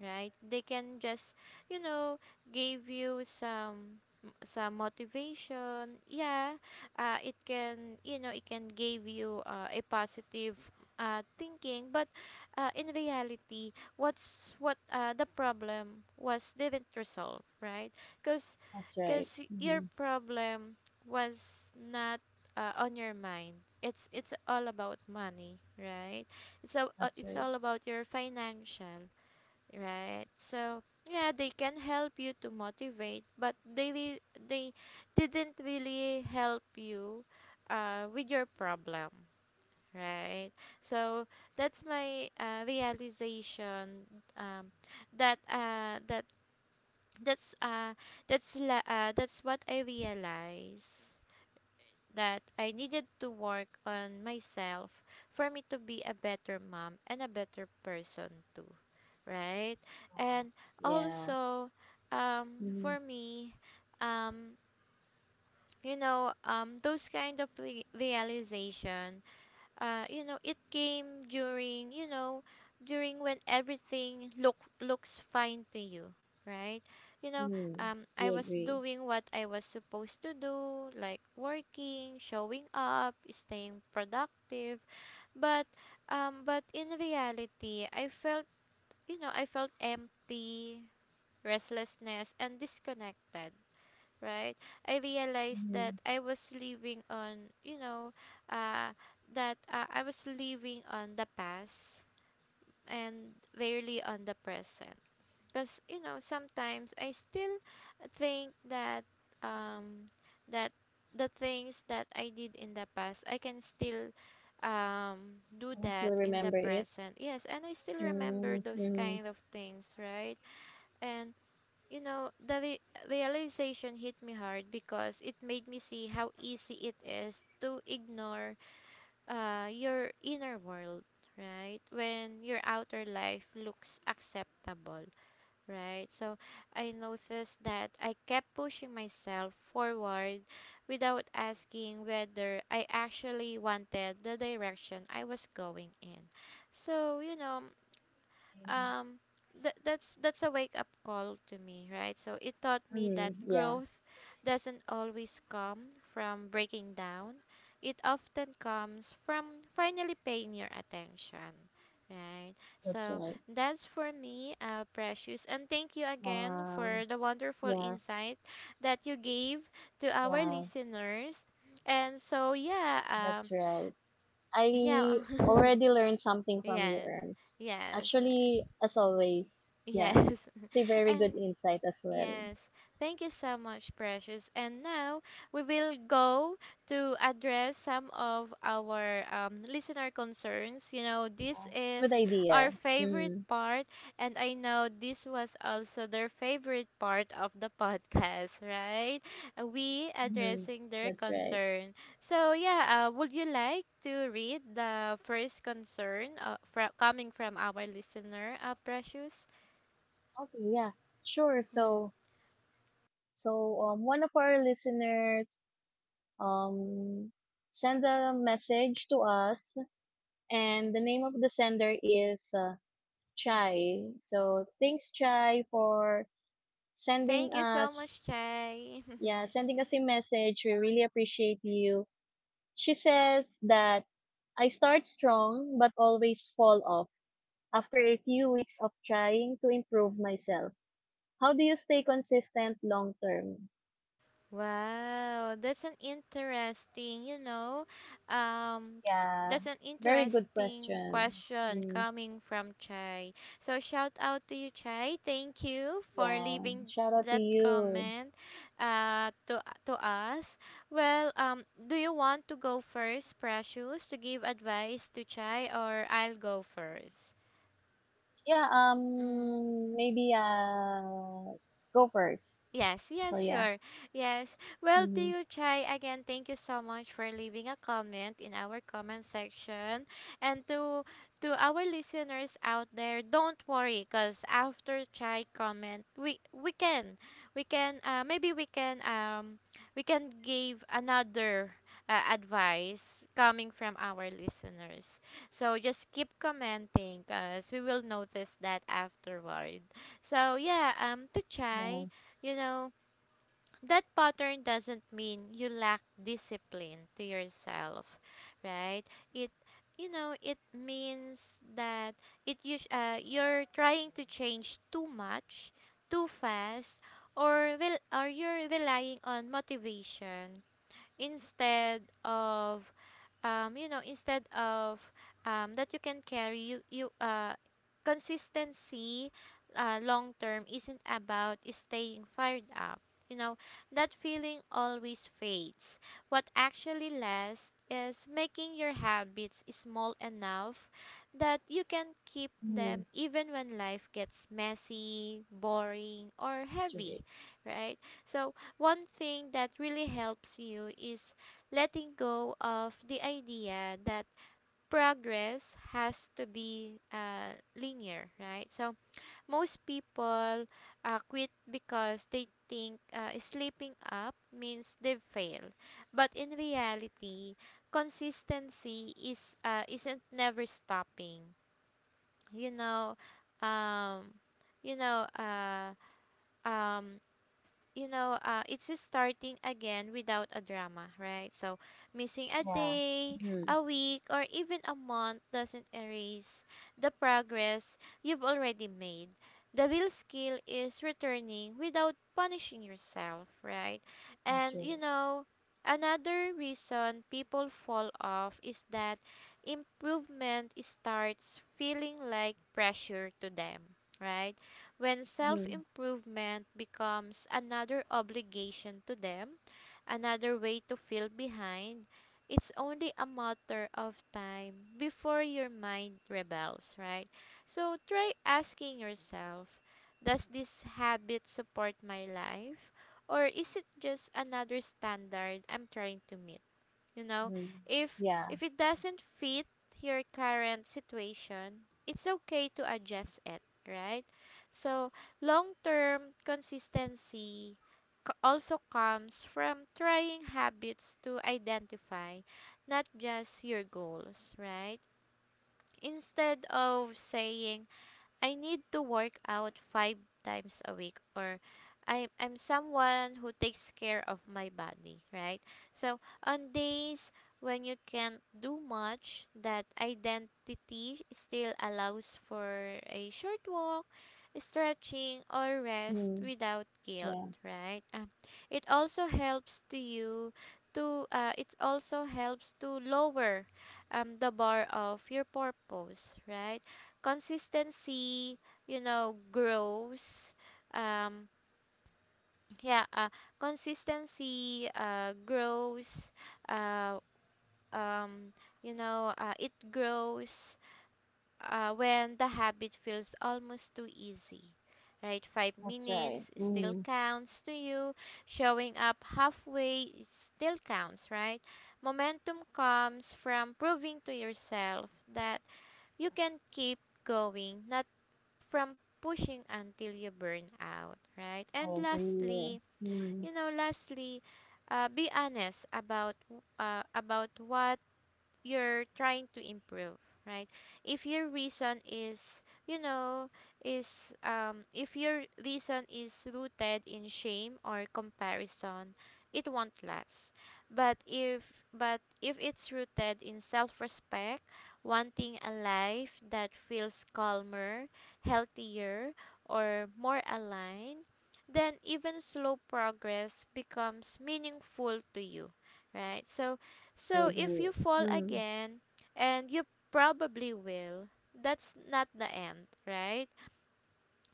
S1: right, they can just, you know give you some motivation, yeah. It can give you a positive thinking, but in reality, what's what the problem was didn't resolve, right, because
S2: That's right.
S1: because your
S2: Mm-hmm.
S1: problem was not on your mind, it's all about money, right? So
S2: That's
S1: it's
S2: right.
S1: all about your financial, right? So yeah, they can help you to motivate, but they didn't really help you with your problem, right? So that's my realization. um, that uh, that that's uh, that's what I realize, that I needed to work on myself for me to be a better mom and a better person too, right? And
S2: Yeah.
S1: also,
S2: Mm-hmm.
S1: for me, um, those kind of realization, you know, it came during, during when everything looks fine to you, right? You know,
S2: Mm-hmm.
S1: I
S2: We
S1: was
S2: agree.
S1: doing what I was supposed to do, like working, showing up, staying productive, but, but in reality, I felt, I felt empty, restlessness, and disconnected, right? I realized
S2: Mm-hmm.
S1: that I was living on you know uh that I was living on the past and rarely on the present, because, sometimes I still think that, um that the things that I did in the past I can still, do
S2: I
S1: that
S2: still
S1: in the
S2: remember it.
S1: present. Yes, and I still remember those
S2: Mm-hmm.
S1: kind of things, right? And, the realization hit me hard because it made me see how easy it is to ignore your inner world, right? When your outer life looks acceptable, right? So I noticed that I kept pushing myself forward without asking whether I actually wanted the direction I was going in. So,
S2: Mm-hmm.
S1: um that's a wake up call to me, right? So it taught me
S2: Mm-hmm.
S1: that
S2: Yeah,
S1: growth doesn't always come from breaking down, it often comes from finally paying your attention, right?
S2: that's
S1: So
S2: right.
S1: that's for me, Precious, and thank you again
S2: Wow.
S1: for the wonderful
S2: Yeah.
S1: insight that you gave to our
S2: Yeah,
S1: listeners. And so yeah, um
S2: that's right.
S1: yeah.
S2: I already learned something from you,
S1: Yes.
S2: Erms.
S1: Yes.
S2: Actually, as always, yeah,
S1: Yes.
S2: it's a very good
S1: And
S2: insight as well.
S1: yes, thank you so much, Precious. And now we will go to address some of our listener concerns. This
S2: Yeah.
S1: is
S2: Good idea.
S1: our favorite
S2: Mm-hmm.
S1: part, and I know this was also their favorite part of the podcast, right? We
S2: Mm-hmm.
S1: addressing their
S2: That's right.
S1: concern. So, yeah, would you like to read the first concern, coming from our listener, Precious?
S2: Okay, yeah, sure.
S1: Mm.
S2: So, one of our listeners um send a message to us, and the name of the sender is Chai. So thanks, Chai, for sending
S1: Thank you so
S2: us,
S1: much, Jay.
S2: yeah, sending us a message. We really appreciate you. She says that I start strong but always fall off after a few weeks of trying to improve myself. How do you stay consistent long term?
S1: Wow, that's an interesting,
S2: Yeah,
S1: that's an
S2: very good
S1: interesting
S2: question.
S1: question
S2: Mm.
S1: coming from Chai. So shout out to you, Chai. Thank you for
S2: Yeah,
S1: leaving
S2: shout out to
S1: that
S2: you.
S1: comment, to us. Well, do you want to go first, Precious, to give advice to Chai, or I'll go first?
S2: Yeah,
S1: Mm.
S2: maybe go first.
S1: Yes,
S2: So
S1: yes,
S2: yeah.
S1: sure. Yes. Well, to
S2: Mm-hmm.
S1: you, Chai, again, thank you so much for leaving a comment in our comment section. And to our listeners out there, don't worry, cause after Chai comment, we can maybe we can, we can give another advice coming from our listeners. So just keep commenting, cause we will notice that afterward. So yeah, to
S2: Yeah.
S1: Chai. You know, that pattern doesn't mean you lack discipline to yourself, right? It it means that, it you you're trying to change too much, too fast, or or you're relying on motivation instead of, um, you know instead of that you can carry you you consistency. Long term isn't about staying fired up. you know that feeling always fades. What actually lasts is making your habits small enough that you can keep
S2: Mm,
S1: them even when life gets messy, boring or
S2: that's
S1: heavy,
S2: right.
S1: right? So one thing that really helps you is letting go of the idea that progress has to be linear, right? So most people quit because they think sleeping up means they've failed, but in reality, consistency is isn't never stopping. You know, um, you know, um, you know, It's just starting again without a drama, right? So, missing a
S2: Yeah.
S1: day,
S2: Mm,
S1: a week, or even a month doesn't erase the progress you've already made. The real skill is returning without punishing yourself, right?
S2: that's
S1: And, you
S2: right.
S1: know, Another reason people fall off is that improvement starts feeling like pressure to them, right? When self
S2: Mm-hmm.
S1: improvement becomes another obligation to them, another way to feel behind, it's only a matter of time before your mind rebels, right? So try asking yourself, does this habit support my life? Or is it just another standard I'm trying to meet? you know
S2: Mm.
S1: if
S2: Yeah.
S1: if it doesn't fit your current situation, it's okay to adjust it, right? So long term consistency also comes from trying habits to identify, not just your goals, right? Instead of saying I need to work out five times a week, or I'm someone who takes care of my body, right? So on days when you can't do much, that identity still allows for a short walk, stretching or rest
S2: Mhm.
S1: without guilt,
S2: Yeah,
S1: right? It also helps to you to it also helps to lower the bar of your purpose, right? Consistency, grows, um yeah uh, consistency grows uh um it grows when the habit feels almost too easy, right? 5
S2: that's right.
S1: minutes still
S2: Mm.
S1: counts to you, showing up halfway it still counts, right? Momentum comes from proving to yourself that you can keep going, not from pushing until you burn out, right?
S2: I
S1: And
S2: agree.
S1: lastly,
S2: Mm.
S1: you know, lastly, be honest about about what you're trying to improve, right? If your reason is, if your reason is rooted in shame or comparison, it won't last. But if it's rooted in self-respect, wanting a life that feels calmer, healthier, or more aligned, then even slow progress becomes meaningful to you, right? so
S2: I
S1: so if you
S2: agree.
S1: fall
S2: Mm.
S1: again, and you probably will, that's not the end, right?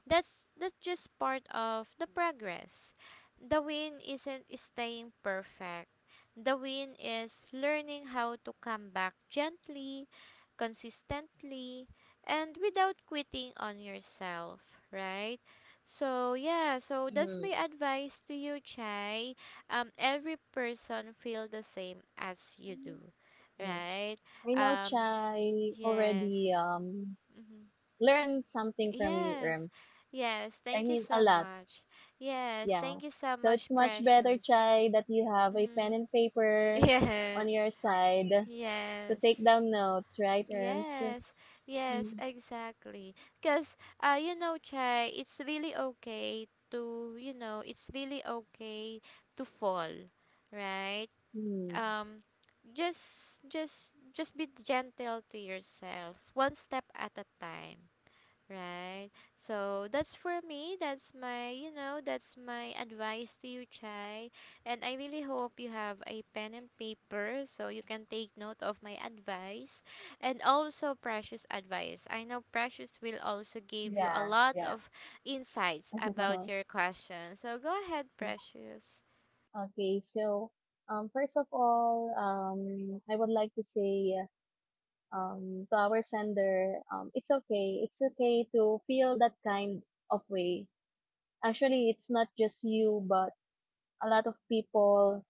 S1: That's just part of the progress. The win isn't staying perfect. The win is learning how to come back gently, consistently, and without quitting on yourself, right? So yeah, so that's
S2: Mm.
S1: my advice to you, Chai. Every person feel the same as you do,
S2: Yeah.
S1: right?
S2: I know
S1: Um,
S2: Chai already
S1: yes. Mm-hmm.
S2: learned something from you,
S1: Yes,
S2: Erms.
S1: yes,
S2: I
S1: thank you
S2: mean a
S1: so
S2: lot.
S1: much. Yes,
S2: Yeah.
S1: thank you so
S2: So it's
S1: much,
S2: much better,
S1: Precious.
S2: Chai, that you have a pen
S1: Mm,
S2: and paper on
S1: yes,
S2: your side to
S1: yes,
S2: take down notes, right, Erms?
S1: yes, yes,
S2: Mm.
S1: exactly. Because, you know, Chai, it's really okay to, you know, it's really okay to fall, right?
S2: Mm.
S1: Um, just be gentle to yourself, one step at a time. Right. So that's for me. That's my, you know, that's my advice to you, Chai. And I really hope you have a pen and paper so you can take note of my advice and also Precious advice. I know Precious will also give you a
S2: Yeah,
S1: lot
S2: yeah.
S1: of insights about your question. So go ahead, Precious.
S2: Okay, so first of all, I would like to say to our sender, it's okay. It's okay to feel that kind of way. Actually, it's not just you, but a lot of people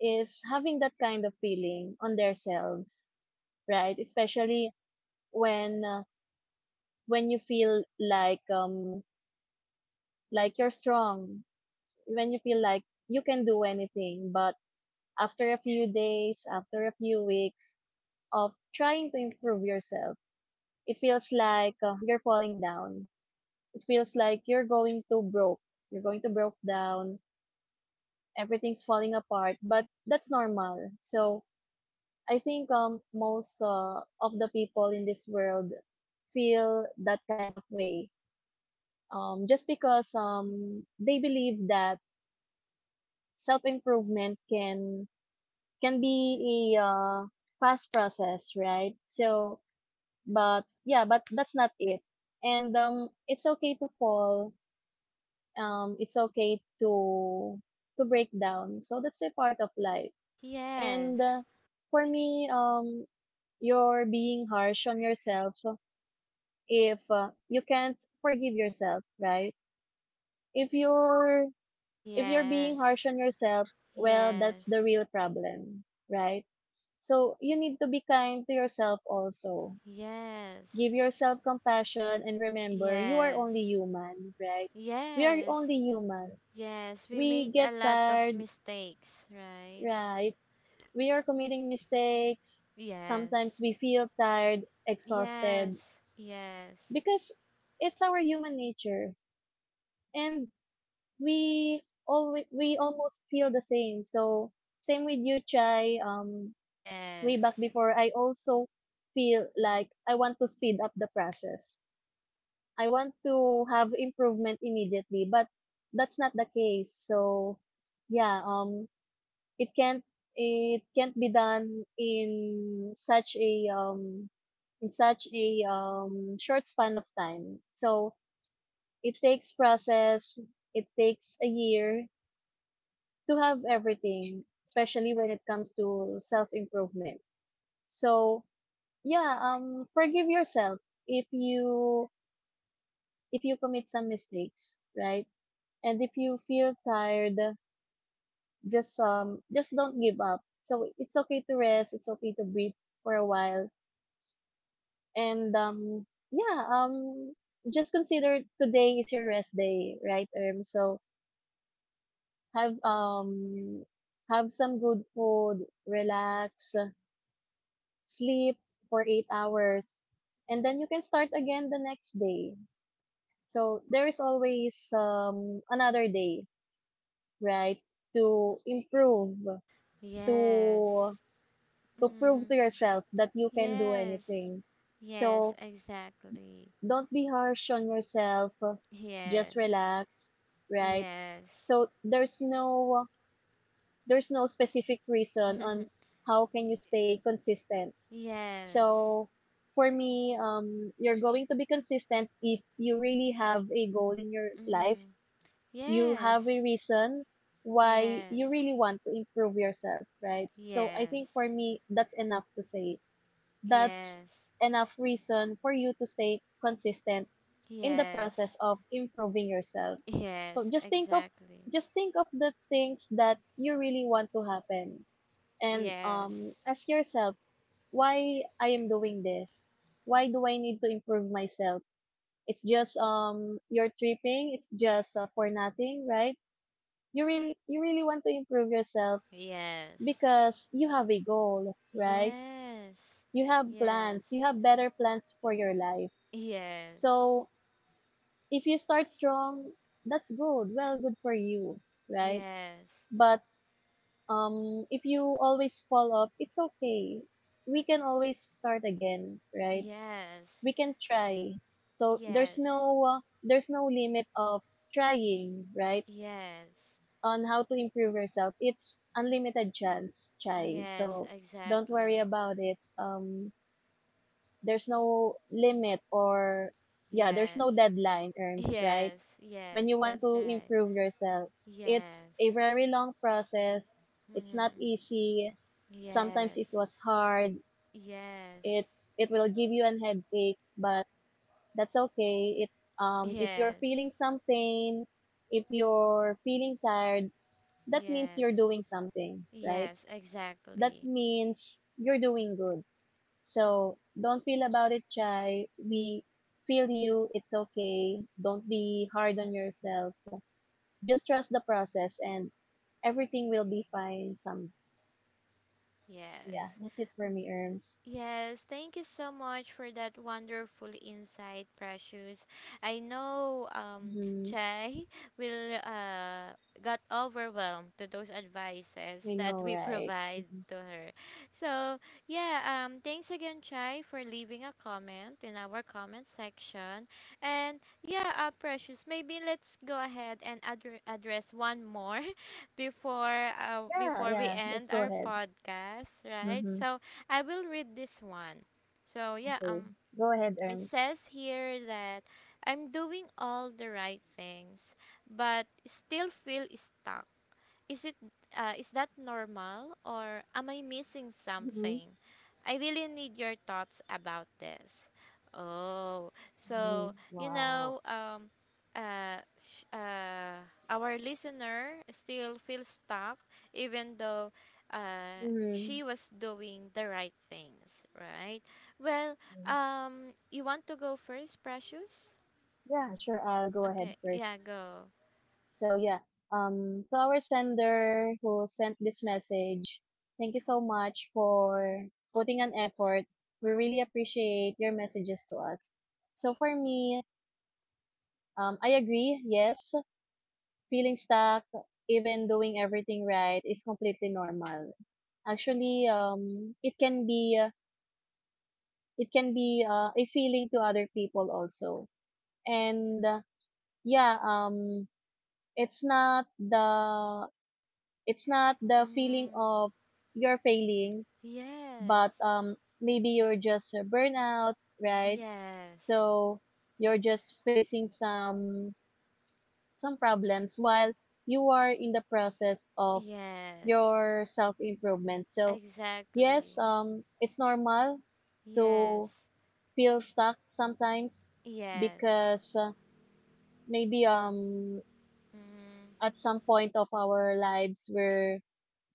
S2: is having that kind of feeling on themselves, right? Especially when uh, when you feel like you're strong, when you feel like you can do anything, but after a few days, after a few weeks of trying to improve yourself, it feels like you're falling down. It feels like you're going to broke. You're going to broke down. Everything's falling apart, but that's normal. So I think most of the people in this world feel that kind of way. Just because they believe that self improvement can be a fast process, right? So but yeah, but that's not it. And it's okay to fall. It's okay to break down. So that's a part of life. And
S1: Yes.
S2: for me, you're being harsh on yourself if you can't forgive yourself, right? If you're if you're being harsh
S1: Yes.
S2: on yourself, well, that's the
S1: Yes.
S2: real problem, right? So you need to be kind to yourself also, give
S1: Yes.
S2: yourself compassion, and remember, you are only
S1: Yes.
S2: human, right? We are only
S1: Yes.
S2: human.
S1: Yes, we
S2: We
S1: made
S2: get
S1: a lot of
S2: tired,
S1: mistakes, right?
S2: right? We are committing mistakes.
S1: Yes.
S2: Sometimes we feel tired, exhausted,
S1: Yes. Yes.
S2: because it's our human nature and we always we almost feel the same. So same with you, Chai. Way
S1: Yes.
S2: back before, I also feel like I want to speed up the process. I want to have improvement immediately, but that's not the case. So yeah, it can't it can't be done in such a short span of time. So it takes process. It takes a year to have everything, especially when it comes to self improvement. So yeah, forgive yourself if you if you commit some mistakes, right? And if you feel tired, just don't give up. So it's okay to rest, it's okay to breathe for a while. And yeah, um just consider today is your rest day, right? So have um have some good food, relax, sleep for 8 hours, and then you can start again the next day. So there is always another day, right? To improve, to
S1: Yes.
S2: to prove to
S1: Mm.
S2: yourself that you can do
S1: Yes.
S2: anything.
S1: Yes,
S2: So
S1: exactly.
S2: don't be harsh on yourself. Just
S1: Yes.
S2: relax, right?
S1: Yes.
S2: So there's no specific reason on how can you stay consistent.
S1: yes.
S2: So for me, you're going to be consistent if you really have a goal in your life.
S1: Mm.
S2: You have a
S1: Yes.
S2: reason why you
S1: Yes.
S2: really want to improve yourself, right? So I think
S1: Yes.
S2: for me, that's enough to say, that's
S1: Yes.
S2: enough reason for you to stay consistent in the process
S1: Yes.
S2: of improving yourself. So
S1: Yes, exactly.
S2: just think of the things that you really want to happen and
S1: Yes.
S2: ask yourself, why I am doing this. Why do I need to improve myself? It's just you're tripping, it's just for nothing, right? You really want to improve yourself
S1: Yes.
S2: because you have a goal, right?
S1: Yes,
S2: You have plans, you
S1: yes,
S2: have better plans for your life.
S1: yes,
S2: So if you start strong, that's good. Well, good for you, right?
S1: yes,
S2: But if you always fall off, it's okay. We can always start again, right?
S1: yes,
S2: We can try. So there's
S1: yes,
S2: no uh, there's no limit of trying, right?
S1: yes,
S2: On how to improve yourself. It's unlimited chance, Chai.
S1: yes,
S2: So don't worry
S1: exactly.
S2: about it. There's no limit or yeah, there's
S1: Yes,
S2: no deadline, Erms, right?
S1: yes,
S2: When
S1: yes,
S2: you want
S1: that's
S2: to
S1: right.
S2: improve yourself. It's
S1: Yes,
S2: a very long process. It's not
S1: mm-hmm.
S2: easy. Sometimes it
S1: Yes,
S2: was hard.
S1: yes,
S2: It will give you an headache, but that's okay. It If you're
S1: yes,
S2: feeling some pain, if you're feeling tired, that means you're
S1: yes,
S2: doing something, right?
S1: yes,
S2: That
S1: exactly.
S2: means you're doing good. So don't feel about it, Chai. We feel you. It's okay. Don't be hard on yourself. Just trust the process and everything will be fine. Some Yeah,
S1: Yes.
S2: that's it for me, Erms.
S1: Yes, thank you so much for that wonderful insight, Precious. I know
S2: Mm-hmm.
S1: Chai will got overwhelmed to those advices
S2: I
S1: that
S2: know,
S1: we
S2: right?
S1: provide
S2: Mhm.
S1: to her. So yeah, thanks again Chai for leaving a comment in our comment section. And yeah, Precious, maybe let's go ahead and address one more before
S2: Yeah,
S1: before we
S2: yeah. Let's
S1: end
S2: go
S1: our
S2: ahead.
S1: podcast, right?
S2: Mm-hmm.
S1: So I will read this one. So yeah,
S2: Okay. Go ahead,
S1: it
S2: Erms.
S1: says here that I'm doing all the right things but still feel stuck. Is it is that normal or am I missing
S2: Mhm.
S1: something? I really need your thoughts about this. Oh,
S2: Mm-hmm.
S1: so you
S2: Wow.
S1: know, uh, sh- uh, our listener still feels stuck, even though
S2: Mhm.
S1: she was doing the right things, right? Well,
S2: Mm.
S1: you want to go first, Precious?
S2: Yeah, sure. I'll go ahead
S1: Okay,
S2: first.
S1: yeah, go.
S2: So yeah, to our sender who sent this message, thank you so much for putting an effort. We really appreciate your messages to us. So for me, I agree. Yes, feeling stuck, even doing everything right, is completely normal. Actually, it can be a feeling to other people also. And yeah, it's not the it's not the feeling
S1: Mm-hmm.
S2: of you're failing,
S1: Yes,
S2: but maybe you're just burnout, right?
S1: yes.
S2: So you're just facing some problems while you are in the process of
S1: Yes,
S2: your self improvement. So, yes,
S1: exactly.
S2: it's normal to
S1: Yes,
S2: feel stuck sometimes
S1: yes,
S2: because maybe
S1: mm,
S2: at some point of our lives we're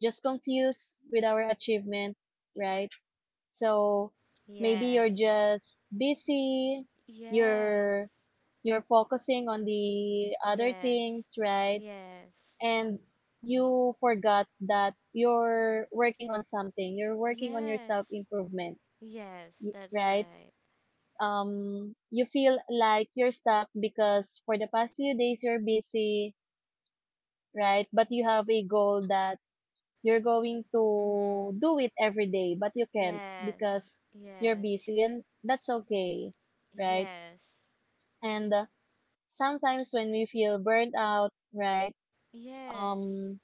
S2: just confused with our achievement, right? So maybe you're
S1: yes,
S2: just busy, you're
S1: yes,
S2: you're focusing on the other things,
S1: yes,
S2: right?
S1: yes,
S2: And you forgot that you're working on something, you're working on your self
S1: yes,
S2: improvement,
S1: yes, that's
S2: right?
S1: right.
S2: You feel like you're stuck because for the past few days you're busy, right? But you have a goal that you're going to
S1: Mm,
S2: do it every day, but you can't
S1: yes,
S2: because you're
S1: yes,
S2: busy, and that's okay, right?
S1: yes,
S2: And sometimes when we feel burnt out, right?
S1: yes,
S2: um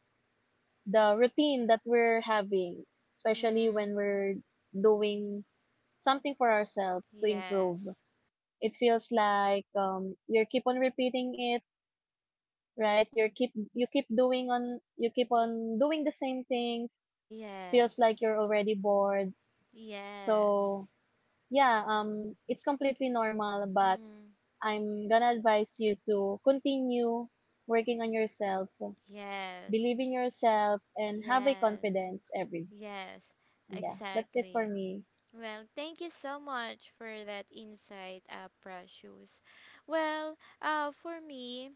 S2: the routine that we're having, especially when
S1: mm,
S2: we're doing something for ourselves to improve.
S1: yes,
S2: It feels like you keep on repeating it, right? You keep doing on you keep on doing the same things. Feels
S1: yes,
S2: like you're already bored.
S1: yes,
S2: So yeah, it's completely normal, but
S1: mm,
S2: I'm gonna advise you to continue working on yourself,
S1: yes,
S2: believe in yourself, and have a
S1: yes.
S2: confidence every
S1: Yes,
S2: yeah, that's it for
S1: exactly.
S2: me.
S1: Well, thank you so much for that insight, Precious. Well, for me,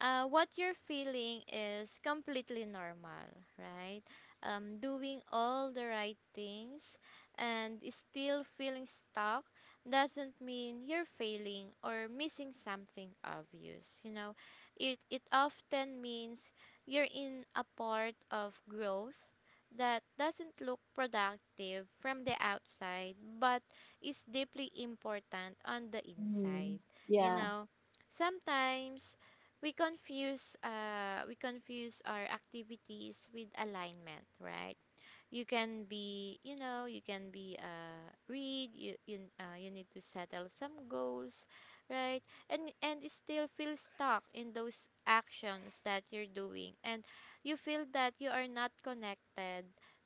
S1: what you're feeling is completely normal, right? Doing all the right things and still feeling stuck doesn't mean you're failing or missing something obvious. You know, it often means you're in a part of growth that doesn't look productive from the outside but is deeply important on the
S2: Mm,
S1: inside. You
S2: yeah.
S1: know, sometimes we confuse our activities with alignment, right? You can be, you know, you can be you need to settle some goals, right? And it still feel stuck in those actions that you're doing, and you feel that you are not connected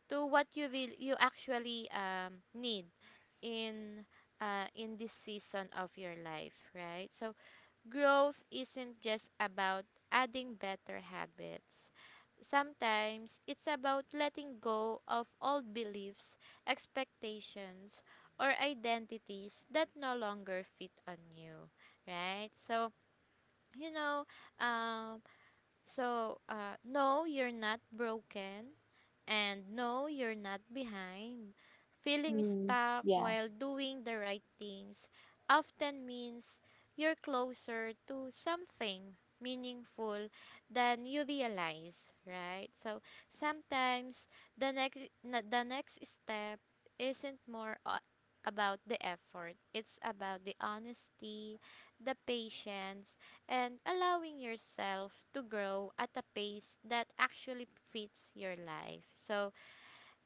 S1: to what you really, you actually need in in this season of your life, right? So growth isn't just about adding better habits. Sometimes it's about letting go of old beliefs, expectations, or identities that no longer fit on you, right? So, you know, um, no, you're not broken. And no, you're not behind. Feeling
S2: Mm,
S1: stuck
S2: yeah.
S1: while doing the right things often means you're closer to something meaningful than you realize, right? So sometimes the the next step isn't about the effort. It's about the honesty, the patience, and allowing yourself to grow at a pace that actually fits your life. So,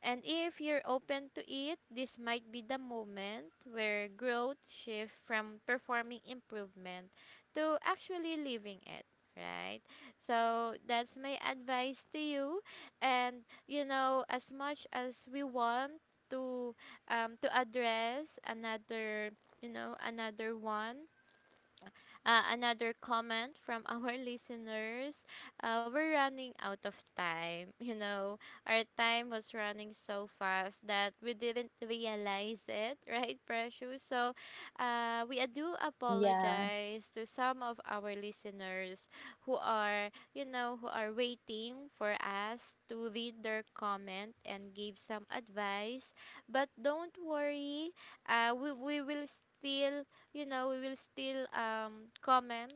S1: and if you're open to it, this might be the moment where growth shifts from performing improvement to actually living it, right? So, that's my advice to you, and you know as much as we want to to address another, you know, another one, another comment from our listeners. We're running out of time. You know, our time was running so fast that we didn't realize it, right, Precious? So, we do
S2: Mm, yeah.
S1: apologize to some of our listeners who are, you know, who are waiting for us to read their comment and give some advice. But don't worry, we will still, you know, we will still comment.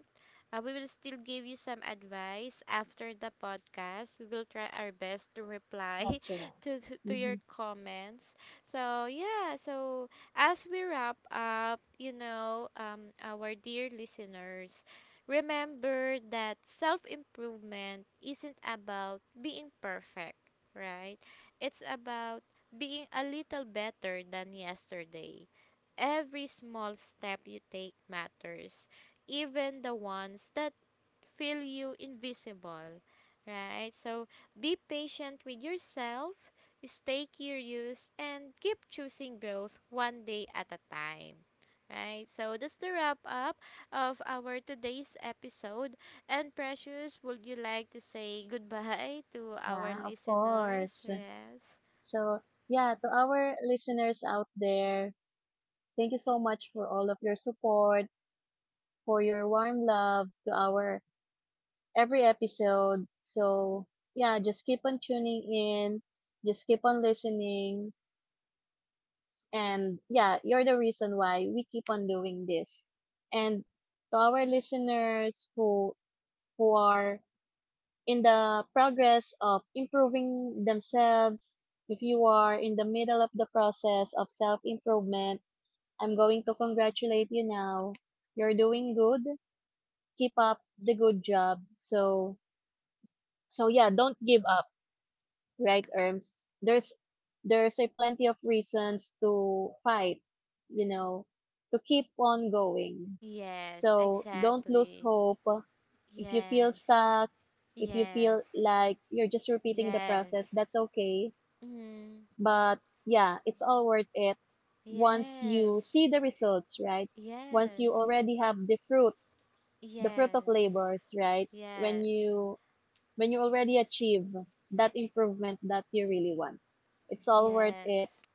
S1: We will still give you some advice after the podcast. We will try our best to reply
S2: That's right.
S1: to your
S2: Hmm.
S1: comments. So yeah, so as we wrap up, you know, our dear listeners, remember that self improvement isn't about being perfect, right? It's about being a little better than yesterday. Every small step you take matters, even the ones that feel you invisible, right? So be patient with yourself, stay curious, and keep choosing growth one day at a time. Right, so that's the wrap up of our today's episode. And Precious, would you like to say goodbye to our
S2: Yeah, of
S1: listeners?
S2: course.
S1: Yes,
S2: So, yeah, to our listeners out there, thank you so much for all of your support, for your warm love to our every episode. So, yeah, just keep on tuning in, just keep on listening. And yeah, you're the reason why we keep on doing this. And to our listeners who are in the progress of improving themselves, if you are in the middle of the process of self improvement, I'm going to congratulate you now. You're doing good. Keep up the good job. So, so yeah, don't give up, right, arms? There's a plenty of reasons to fight, you know, to keep on going.
S1: yes,
S2: So don't lose
S1: exactly.
S2: hope. If you feel
S1: Yes.
S2: stuck, if you feel
S1: Yes.
S2: like you're just repeating the process,
S1: Yes.
S2: that's okay,
S1: Mm.
S2: but yeah, it's all worth it once you
S1: Yes.
S2: see the results, right? Once you
S1: Yes.
S2: already have the fruit, the fruit of
S1: Yes.
S2: labors, right? when
S1: Yes.
S2: you when you already achieve that improvement that you really want. It's all worth it
S1: Yes.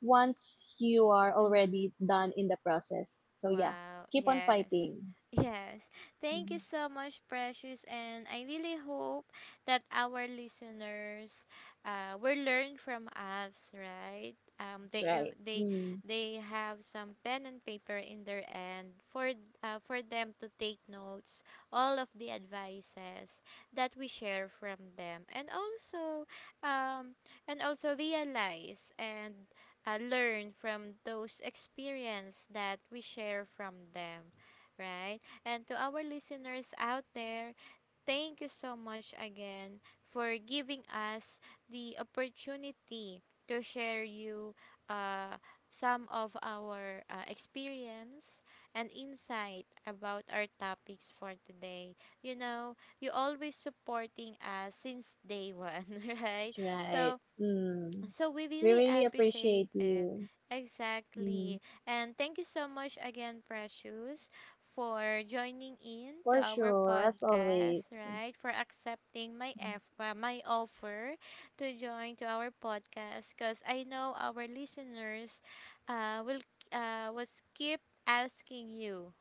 S2: once you are already
S1: Mm.
S2: done in the process. So yeah,
S1: Wow.
S2: keep on
S1: Yes.
S2: fighting.
S1: Yes. Thank
S2: Mhm.
S1: you so much, Precious. And I really hope that our listeners will learn from us, right? Um,
S2: That's
S1: they
S2: right.
S1: uh, they
S2: Mm,
S1: they have some pen and paper in their end for them to take notes all of the advices that we share from them, um and also realize and learn from those experience that we share from them, right? And to our listeners out there, thank you so much again for giving us the opportunity to share you uh, some of our experience and insight about our topics for today. You know, you always supporting us since day one, right?
S2: that's right.
S1: so
S2: Mm.
S1: so we
S2: We
S1: really
S2: really
S1: appreciate
S2: appreciate
S1: it.
S2: you. Mm,
S1: Exactly. And thank you so much again, Precious, for joining in to
S2: for
S1: our
S2: sure, as
S1: podcast,
S2: always.
S1: right? For accepting my
S2: Mhm.
S1: my offer to join to our podcast, because I know our listeners will was keep asking you,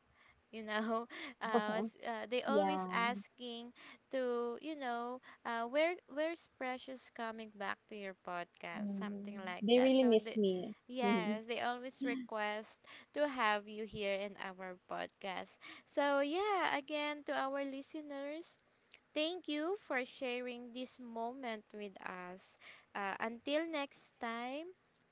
S1: you know, they always
S2: Yeah.
S1: asking to, you know, where's precious coming back to your podcast, something
S2: Mm,
S1: like
S2: they
S1: that,
S2: really
S1: so the
S2: miss me. Mhm.
S1: yes they always request to have you here in our podcast. So yeah, again, to our listeners, thank you for sharing this moment with us. Until next time,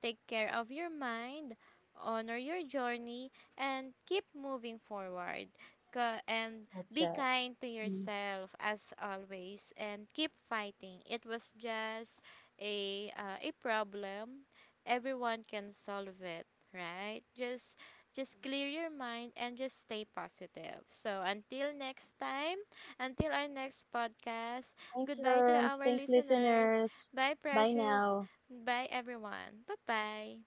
S1: take care of your mind, honor your journey, and keep moving forward. And
S2: That's
S1: be
S2: right.
S1: kind to
S2: Mm.
S1: yourself as always, and keep fighting. It was just a problem. Everyone can solve it, right? Just clear your mind and just stay positive. So until next time. Until our next podcast,
S2: Thanks,
S1: goodbye to
S2: Herms.
S1: our
S2: Thanks,
S1: listeners.
S2: listeners.
S1: Bye,
S2: Bye
S1: Precious.
S2: now.
S1: Bye, everyone. Bye bye.